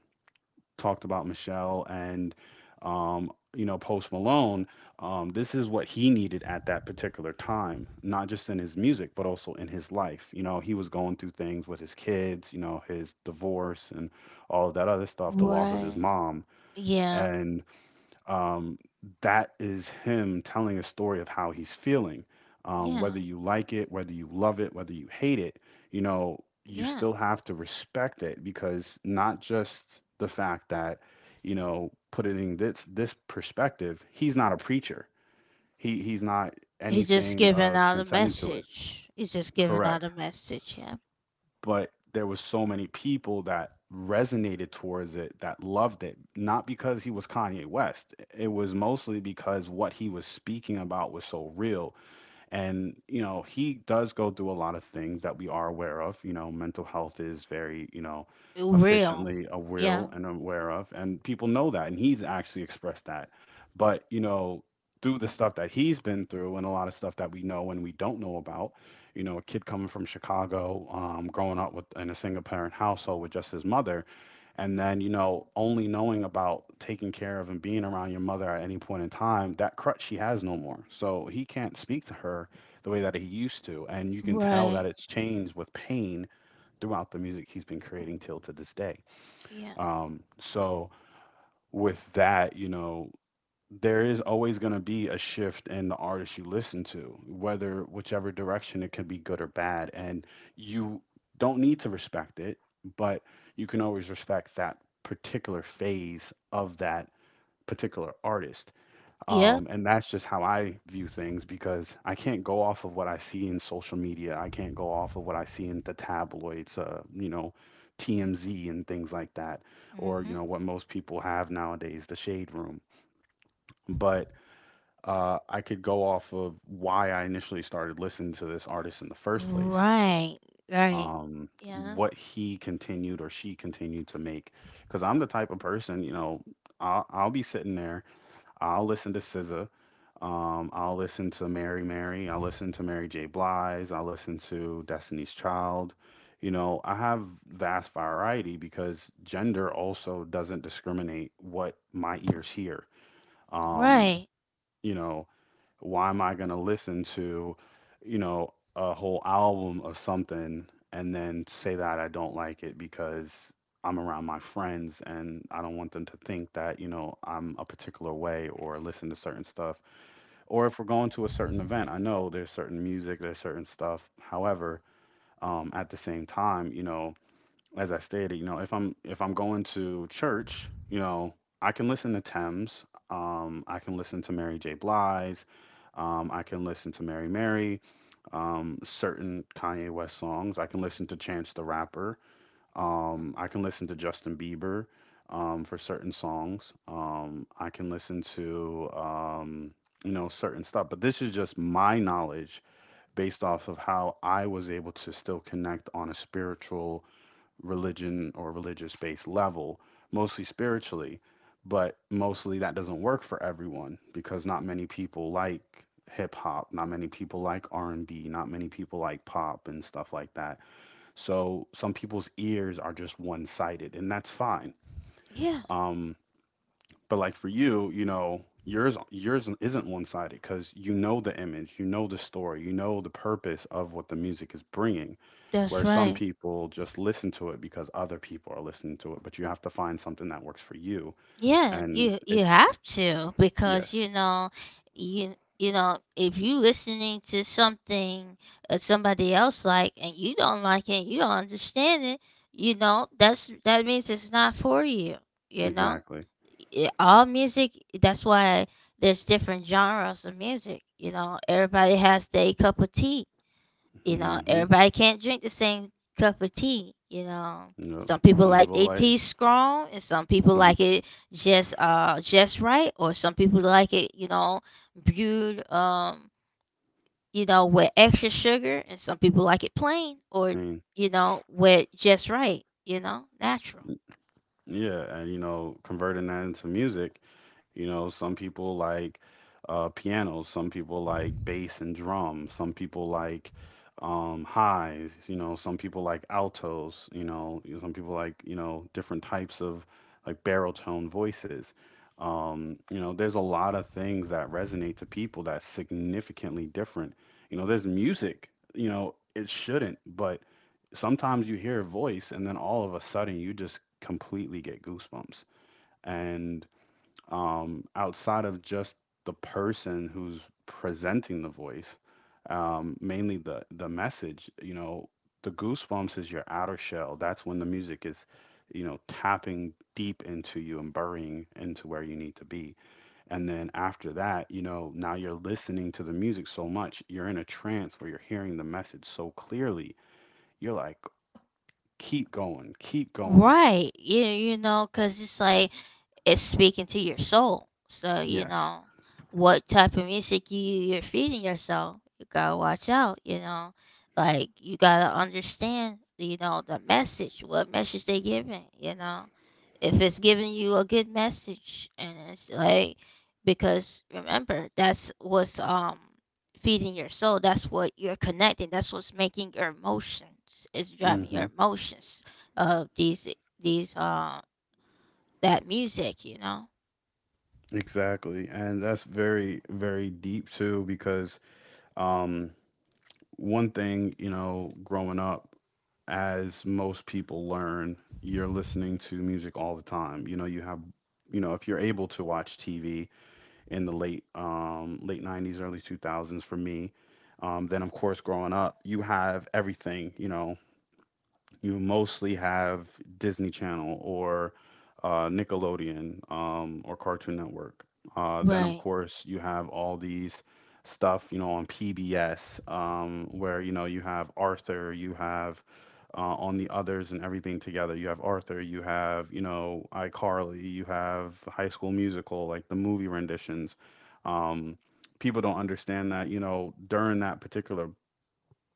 Speaker 1: talked about Michelle and you know Post Malone, this is what he needed at that particular time, not just in his music but also in his life. You know, he was going through things with his kids, you know, his divorce and all of that other stuff, the loss of his
Speaker 2: Right.
Speaker 1: mom,
Speaker 2: Yeah.
Speaker 1: and um, that is him telling a story of how he's feeling. Whether
Speaker 2: Yeah.
Speaker 1: you like it, whether you love it, whether you hate it, you know, you
Speaker 2: Yeah.
Speaker 1: still have to respect it because not just the fact that, you know, putting this perspective, he's not a preacher. He's not
Speaker 2: He's just
Speaker 1: anything
Speaker 2: giving
Speaker 1: of
Speaker 2: out a
Speaker 1: consenting to it.
Speaker 2: message. He's just giving out
Speaker 1: Correct,
Speaker 2: a message, yeah.
Speaker 1: but there was so many people that resonated towards it that loved it not because he was Kanye West, it was mostly because what he was speaking about was so real, and, you know, he does go through a lot of things that we are aware of. You know, mental health is very, you know,
Speaker 2: Real.
Speaker 1: efficiently aware
Speaker 2: Yeah.
Speaker 1: and aware of. And people know that. And he's actually expressed that. But, you know, through the stuff that he's been through and a lot of stuff that we know and we don't know about, you know, a kid coming from Chicago, growing up with in a single parent household with just his mother, and then, you know, only knowing about taking care of and being around your mother at any point in time, that crutch he has no more. So he can't speak to her the way that he used to. And you can tell that
Speaker 2: Right.
Speaker 1: it's changed with pain throughout the music he's been creating till to this day.
Speaker 2: Yeah.
Speaker 1: So with that, you know, there is always going to be a shift in the artist you listen to, whether whichever direction it can be good or bad. And you don't need to respect it, but you can always respect that particular phase of that particular artist.
Speaker 2: Yep.
Speaker 1: And that's just how I view things because I can't go off of what I see in social media. I can't go off of what I see in the tabloids, you know, TMZ and things like that, or, you
Speaker 2: Mhm.
Speaker 1: know, what most people have nowadays, the shade room. But I could go off of why I initially started listening to this artist in the first place.
Speaker 2: Right. Right. Yeah.
Speaker 1: What he continued or she continued to make, because I'm the type of person, you know, I'll be sitting there, I'll listen to SZA, I'll listen to Mary Mary, I'll listen to Mary J. Blige, I'll listen to Destiny's Child. You know, I have vast variety because gender also doesn't discriminate what my ears hear. Um,
Speaker 2: Right.
Speaker 1: you know, why am I going to listen to, you know, a whole album of something and then say that I don't like it because I'm around my friends and I don't want them to think that, you know, I'm a particular way or listen to certain stuff. Or if we're going to a certain event, I know there's certain music, there's certain stuff. However, at the same time, you know, as I stated, you know, if I'm going to church, you know, I can listen to Thames, I can listen to Mary J. Blige, I can listen to Mary Mary, certain Kanye West songs. I can listen to Chance the Rapper. I can listen to Justin Bieber for certain songs. I can listen to you know certain stuff, but this is just my knowledge based off of how I was able to still connect on a spiritual religion or religious based level, mostly spiritually, but mostly that doesn't work for everyone because not many people like hip hop, not many people like R&B, not many people like pop and stuff like that. So some people's ears are just one-sided and that's fine.
Speaker 2: Yeah.
Speaker 1: Um but like for you, you know, yours isn't one-sided cuz you know the image, you know the story, you know the purpose of what the music is bringing
Speaker 2: That's
Speaker 1: where some
Speaker 2: right.
Speaker 1: people just listen to it because other people are listening to it, but you have to find something that works for you.
Speaker 2: Yeah,
Speaker 1: And
Speaker 2: you
Speaker 1: it's,
Speaker 2: have to because
Speaker 1: yes,
Speaker 2: you know you know if you listening to something somebody else like and you don't like it, you don't understand it. You know that's that means it's not for you. You know
Speaker 1: exactly.
Speaker 2: I all music. That's why there's different genres of music. You know everybody has their cup of tea, you know,
Speaker 1: Hmm.
Speaker 2: everybody can't drink the same cup of tea, you know.
Speaker 1: Yep.
Speaker 2: Some people
Speaker 1: Some
Speaker 2: like
Speaker 1: people
Speaker 2: their
Speaker 1: like,
Speaker 2: tea strong and some people like it just right, or some people like it, you know, brewed, you know, with extra sugar, and some people like it plain, or,
Speaker 1: mhm,
Speaker 2: you know, with just right, you know, natural.
Speaker 1: Yeah, and you know, converting that into music, you know, some people like piano, some people like bass and drum, some people like highs, you know, some people like altos, you know, some people like, you know, different types of like baritone voices. You know, there's a lot of things that resonate to people that's significantly different. You know, there's music, you know, it shouldn't, but sometimes you hear a voice and then all of a sudden you just completely get goosebumps. And outside of just the person who's presenting the voice, mainly the message, you know, the goosebumps is your outer shell. That's when the music is, you know, tapping deep into you and burying into where you need to be. And then after that, you know, now you're listening to the music so much, you're in a trance where you're hearing the message so clearly. You're like, keep going, keep going.
Speaker 2: Right. You know, cause it's like it's speaking to your soul. So, you
Speaker 1: Yes.
Speaker 2: know, what type of music you're feeding yourself, you gotta watch out, you know. Like you gotta understand, you know, the message, what message they giving, you know. If it's giving you a good message and it's like because remember that's what's feeding your soul, that's what you're connecting, that's what's making your emotions, it's driving your
Speaker 1: Mm-hmm.
Speaker 2: emotions of these that music, you know.
Speaker 1: Exactly. And that's very, very deep too, because um, one thing, you know, growing up, as most people learn, you're listening to music all the time. You know, you have, you know, if you're able to watch TV in the late late '90s, early 2000s for me, then of course growing up, you have everything, you know, you mostly have Disney Channel or Nickelodeon or Cartoon Network. Then, of
Speaker 2: Right.
Speaker 1: course, you have all these stuff, you know, on PBS, where, you know, you have Arthur, you have on the others and everything together. You have Arthur, you have, you know, iCarly, you have High School Musical, like the movie renditions. Um, People don't understand that, you know, during that particular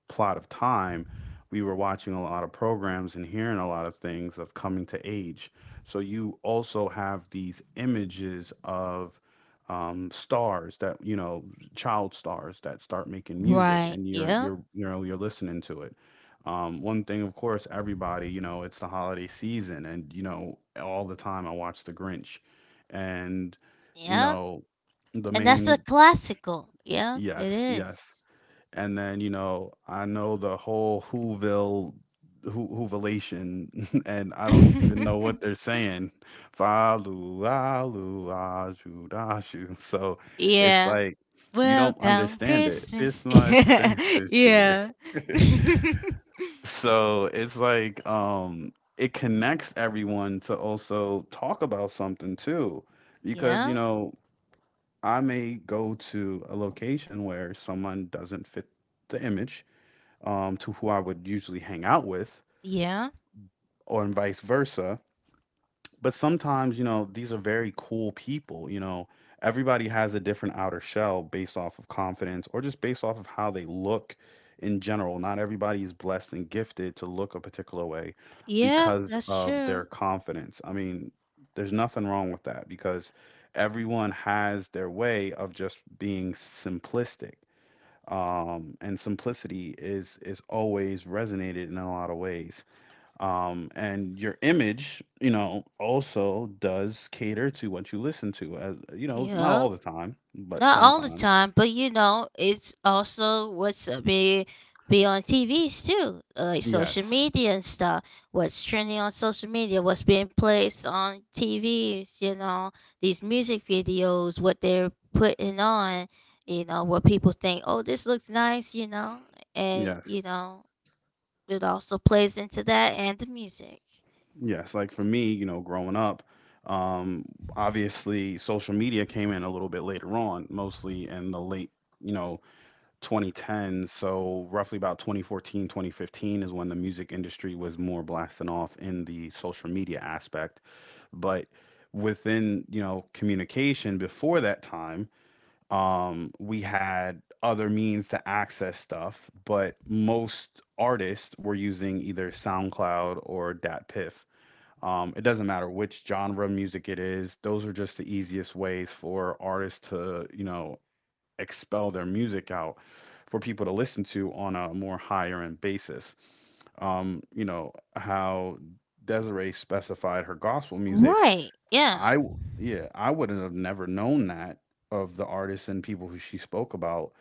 Speaker 1: plot of time, we were watching a lot of programs and hearing a lot of things of coming to age. So you also have these images of stars that you know, child stars that start making music,
Speaker 2: Right.
Speaker 1: and you're
Speaker 2: Yep.
Speaker 1: you're you know you're listening to it. One thing, of course, everybody, you know, it's the holiday season, and you know, all the time I watch The Grinch, and you
Speaker 2: Yep.
Speaker 1: know, the
Speaker 2: And that's a
Speaker 1: main,
Speaker 2: classical. Yep, it
Speaker 1: yes, yes,
Speaker 2: is.
Speaker 1: and then, you know, I know the whole Whoville, Who, Whovilation, and I don't even know what they're saying. Falu, alu, aju, dashu. So it's
Speaker 2: yeah.
Speaker 1: like you don't
Speaker 2: Welcome
Speaker 1: understand it. This
Speaker 2: Christmas.
Speaker 1: must,
Speaker 2: Yeah.
Speaker 1: this is here.
Speaker 2: Yeah.
Speaker 1: So it's like it connects everyone to also talk about something too. Because, you
Speaker 2: yeah.
Speaker 1: know, I may go to a location where someone doesn't fit the image to who I would usually hang out with,
Speaker 2: Yeah.
Speaker 1: or and vice versa. But sometimes, you know, these are very cool people. You know, everybody has a different outer shell based off of confidence or just based off of how they look in general. Not everybody is blessed and gifted to look a particular way
Speaker 2: Yep,
Speaker 1: because
Speaker 2: that's
Speaker 1: of their
Speaker 2: true.
Speaker 1: confidence. I mean, there's nothing wrong with that because everyone has their way of just being simplistic and simplicity is always resonated in a lot of ways. And your image, you know, also does cater to what you listen to, as you know, not
Speaker 2: Yep.
Speaker 1: all the time, but
Speaker 2: Not all the
Speaker 1: sometimes.
Speaker 2: time, but you know, it's also what's be on TVs too, like social
Speaker 1: Yes,
Speaker 2: media and stuff. What's trending on social media, what's being placed on TVs, you know, these music videos, what they're putting on, you know, what people think, oh, this looks nice, you know, and
Speaker 1: yes,
Speaker 2: you know, it also plays into that and the music.
Speaker 1: yes. Like for me, you know, growing up, um, obviously social media came in a little bit later on, mostly in the late, you know, 2010, so roughly about 2014 2015 is when the music industry was more blasting off in the social media aspect, but within you know communication before that time, we had other means to access stuff, but most artists were using either SoundCloud or DatPiff. It doesn't matter which genre of music it is, those are just the easiest ways for artists to you know expel their music out for people to listen to on a more higher end basis. You know, how Desiree specified her gospel music,
Speaker 2: Right. Yeah.
Speaker 1: yeah, I wouldn't have never known that of the artists and people who she spoke about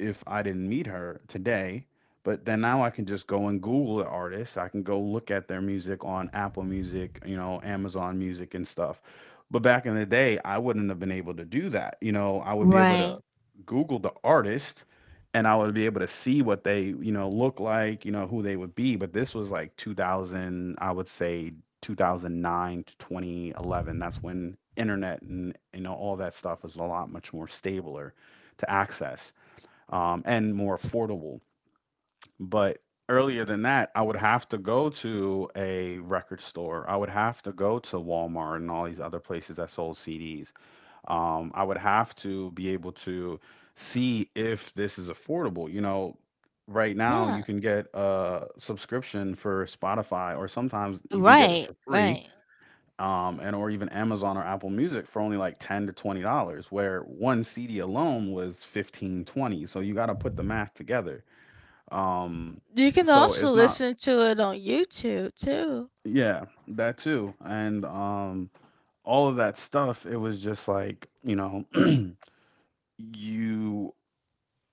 Speaker 1: if I didn't meet her today. But then now I can just go and Google the artist. I can go look at their music on Apple Music, you know, Amazon Music and stuff. But back in the day, I wouldn't have been able to do that. You know, I would be able to
Speaker 2: Right.
Speaker 1: Google the artist and I would be able to see what they, you know, look like, you know, who they would be. But this was like 2000, I would say 2009 to 2011. That's when internet and, you know, all that stuff was a lot much more stabler to access, and more affordable. But earlier than that, I would have to go to a record store. I would have to go to Walmart and all these other places that sold CDs. I would have to be able to see if this is affordable. You know, right now you
Speaker 2: Yeah.
Speaker 1: can get a subscription for Spotify, or sometimes you can get it
Speaker 2: Right.
Speaker 1: for free,
Speaker 2: Right.
Speaker 1: and or even Amazon or Apple Music for only like $10 to $20, where one CD alone was 15, 20. So you got to put the math together. Um,
Speaker 2: You can
Speaker 1: so it's
Speaker 2: also
Speaker 1: not,
Speaker 2: listen to it on YouTube too.
Speaker 1: yeah, that too. And all of that stuff, it was just like, you know, you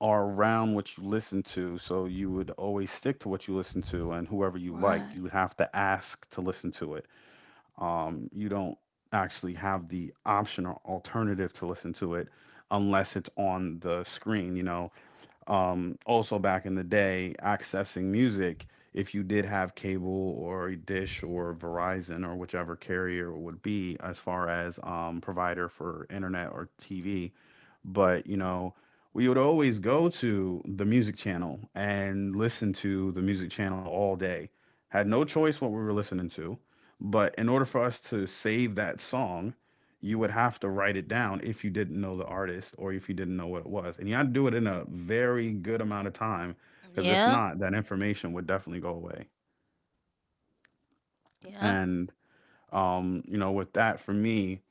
Speaker 1: are around what you listen to. So you would always stick to what you listen to and whoever you like,
Speaker 2: Right.
Speaker 1: you have to ask to listen to it. You don't actually have the option or alternative to listen to it unless it's on the screen, you know. Also, back in the day, accessing music, if you did have cable or Dish or Verizon or whichever carrier it would be, as far as provider for internet or TV, but you know we would always go to the music channel and listen to the music channel all day, had no choice what we were listening to, but in order for us to save that song, you would have to write it down if you didn't know the artist or if you didn't know what it was. And you had to do it in a very good amount of time, because if
Speaker 2: Yeah.
Speaker 1: not, that information would definitely go away.
Speaker 2: Yeah.
Speaker 1: And you know, with that for me,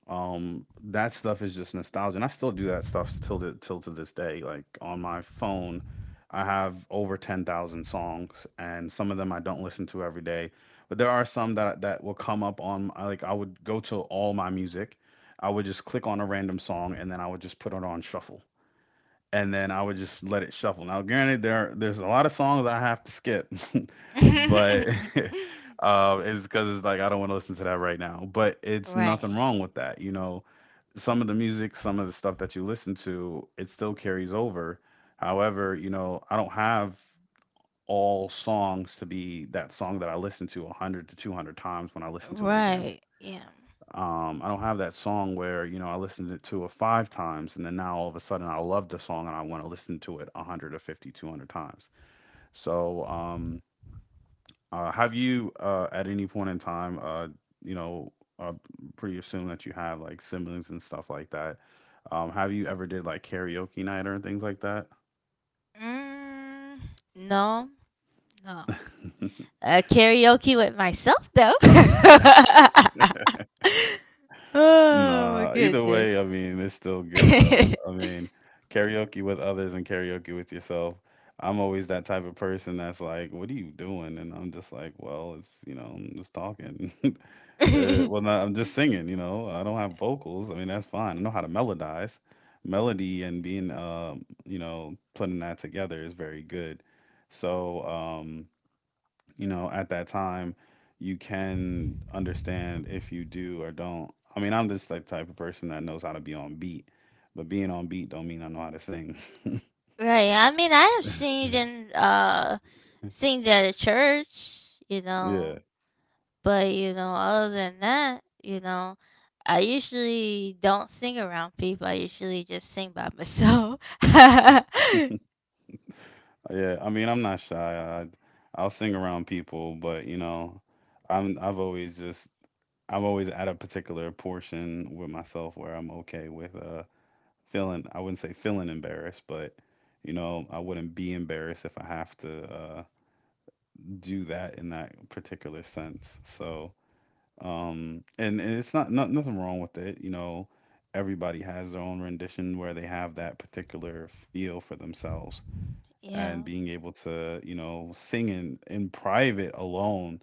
Speaker 1: that stuff is just nostalgia, and I still do that stuff till to this day. Like on my phone, I have over 10,000 songs, and some of them I don't listen to every day, but there are some that that will come up on. Like I would go to all my music, I would just click on a random song, and then I would just put it on shuffle, and then I would just let it shuffle. Now, granted, there's a lot of songs I have to skip, but it's because it's like I don't want to listen to that right now. But it's nothing
Speaker 2: right.
Speaker 1: wrong with that, you know, some of the music, some of the stuff that you listen to, it still carries over. However, you know, I don't have all songs to be that song that I listen to 100 to 200 times when I listen to it again.
Speaker 2: Right. Yeah.
Speaker 1: I don't have that song where, you know, I listened to it five times and then now all of a sudden I love the song and I want to listen to it 100 or 50 200 times. So, have you, at any point in time, you know, uh, pretty assume that you have like siblings and stuff like that. Have you ever did like karaoke night or things like that?
Speaker 2: Mm, no. No. Karaoke with myself though. Oh my
Speaker 1: Nah, either
Speaker 2: goodness.
Speaker 1: way, I mean, it's still good though. I mean, karaoke with others and karaoke with yourself. I'm always that type of person that's like, what are you doing? And I'm just like, well, it's, you know, I'm just talking. Well, no, I'm just singing, you know. I don't have vocals. I mean, that's fine. I know how to melodize. Melody and being, you know, putting that together is very good. So, you know, at that time, you can understand if you do or don't. I mean, I'm just like the type of person that knows how to be on beat, but being on beat don't mean I know how to sing.
Speaker 2: Right. I mean, I have seen it in seen it at a church. You know,
Speaker 1: Yeah,
Speaker 2: but, you know, other than that, you know, I usually don't sing around people. I usually just sing by myself.
Speaker 1: yeah. I mean, I'm not shy. I'll sing around people, but you know, I've always just, I'm always at a particular portion with myself where I'm okay with feeling, I wouldn't say feeling embarrassed, but you know, I wouldn't be embarrassed if I have to do that in that particular sense. So, and it's not, not nothing wrong with it, you know, everybody has their own rendition where they have that particular feel for themselves,
Speaker 2: Yeah.
Speaker 1: and being able to, you know, sing in private alone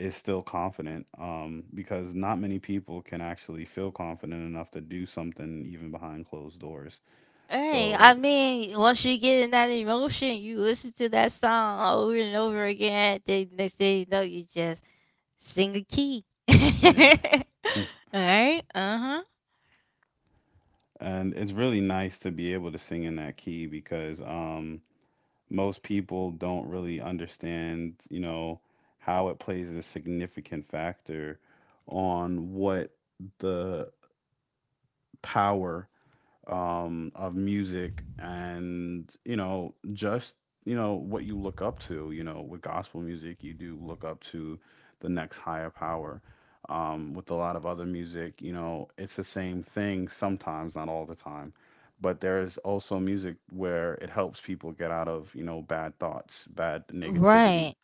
Speaker 1: is still confident, because not many people can actually feel confident enough to do something even behind closed doors.
Speaker 2: Hey, I
Speaker 1: So,
Speaker 2: mean, once you get in that emotion, you listen to that song over and over again. Then next thing you know, you just sing a key. All
Speaker 1: yes.
Speaker 2: right. Uh-huh.
Speaker 1: And it's really nice to be able to sing in that key because most people don't really understand, you know, how it plays a significant factor on what the power of music. And you know, just you know what you look up to, you know, with gospel music you do look up to the next higher power. With a lot of other music, you know, it's the same thing sometimes, not all the time, but there's also music where it helps people get out of, you know, bad thoughts, bad negativity.
Speaker 2: Right.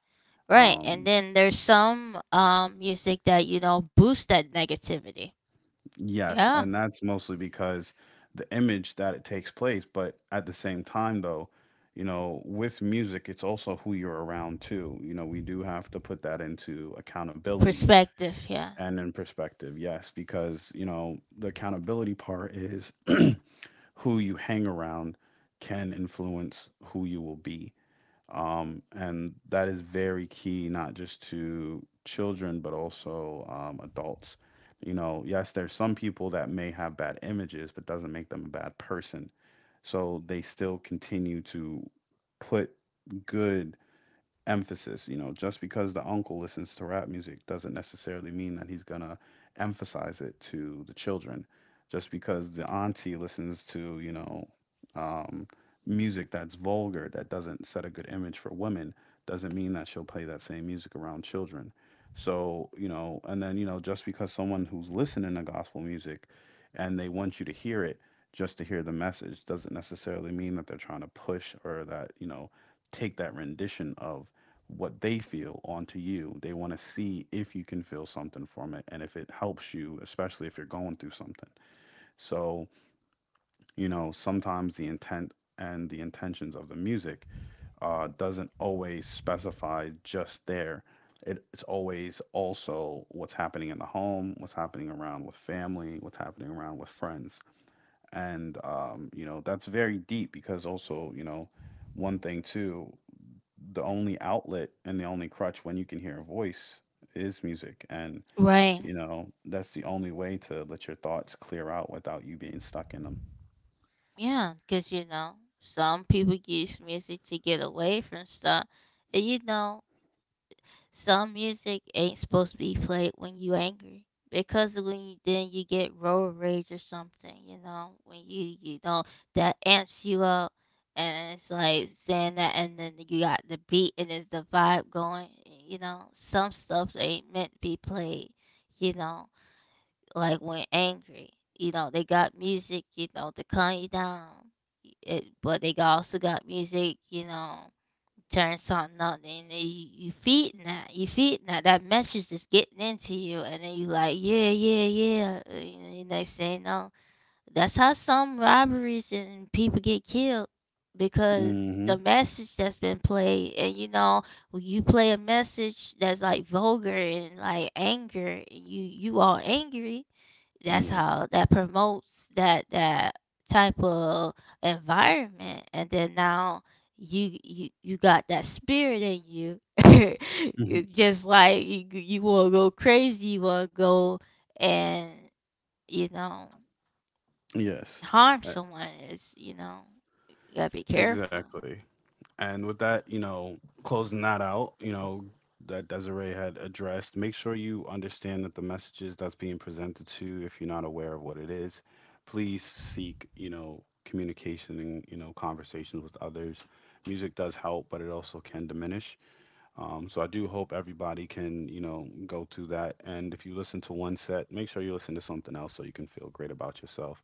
Speaker 2: Right. And
Speaker 1: um,
Speaker 2: then there's some music that, you know, boosts that negativity.
Speaker 1: Yes,
Speaker 2: Yeah.
Speaker 1: and that's mostly because the image that it takes place, but at the same time though, you know, with music, it's also who you're around too. You know, we do have to put that into accountability
Speaker 2: Perspective, yeah.
Speaker 1: and in perspective. Yes, because, you know, the accountability part is who you hang around can influence who you will be. And that is very key, not just to children, but also adults. You know, yes, there's some people that may have bad images, but doesn't make them a bad person. So they still continue to put good emphasis. You know, just because the uncle listens to rap music doesn't necessarily mean that he's gonna emphasize it to the children. Just because the auntie listens to, you know, um, music that's vulgar, that doesn't set a good image for women, doesn't mean that she'll play that same music around children. So, you know, and then, you know, just because someone who's listening to gospel music and they want you to hear it just to hear the message doesn't necessarily mean that they're trying to push or that, you know, take that rendition of what they feel onto you. They want to see if you can feel something from it and if it helps you, especially if you're going through something. So, you know, sometimes the intent and the intentions of the music doesn't always specify just there. It's always also what's happening in the home, what's happening around with family, what's happening around with friends. And, you know, that's very deep because also, you know, one thing too, the only outlet and the only crutch when you can hear a voice is music. And
Speaker 2: Right.
Speaker 1: you know that's the only way to let your thoughts clear out without you being stuck in them.
Speaker 2: Yeah, cause you know, some people use music to get away from stuff. And, you know, some music ain't supposed to be played when you angry, because when you then you get road rage or something, you know, when you know that amps you up, and it's like saying that and then you got the beat and it's the vibe going, you know. Some stuff ain't meant to be played, you know, like when angry. You know, they got music, you know, to calm you down. It, but they got- also got music, you know, turn something up and then you feeding that. You feeding that. That message is getting into you and then you like, yeah, yeah, yeah. You know, you next thing you know, that's how some robberies and people get killed because
Speaker 1: Mm hmm.
Speaker 2: the message that's been played, and you know when you play a message that's like vulgar and like anger and you all angry, that's
Speaker 1: Yes.
Speaker 2: how that promotes that type of environment, and then now you got that spirit in you. It's
Speaker 1: Hmm.
Speaker 2: just like you want to go crazy, you want to go and you know
Speaker 1: Yes.
Speaker 2: harm
Speaker 1: Uh,
Speaker 2: someone is you know you gotta be careful.
Speaker 1: exactly. And with that, you know, closing that out, you know, that Desiree had addressed, make sure you understand that the messages that's being presented to you, if you're not aware of what it is, please seek, you know, communication and, you know, conversations with others. Music does help, but it also can diminish. So I do hope everybody can, you know, go through that. And if you listen to one set, make sure you listen to something else so you can feel great about yourself.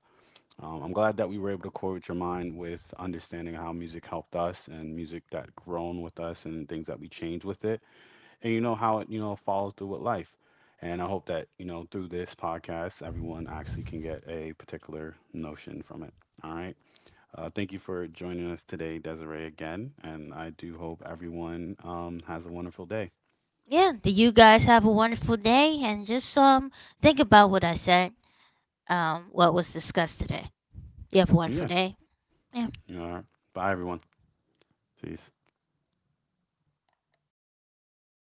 Speaker 1: I'm glad that we were able to correlate your mind with understanding how music helped us and music that grown with us and things that we changed with it. And you know how it, you know, follows through with life. And I hope that, you know, through this podcast, everyone actually can get a particular notion from it. All right. Thank you for joining us today, Desiree, again. And I do hope everyone has a wonderful day.
Speaker 2: Yeah, do you guys have a wonderful day, and just think about what I said, what was discussed today. You have a wonderful
Speaker 1: Yeah.
Speaker 2: day. Yeah.
Speaker 1: You are. Bye, everyone. Peace.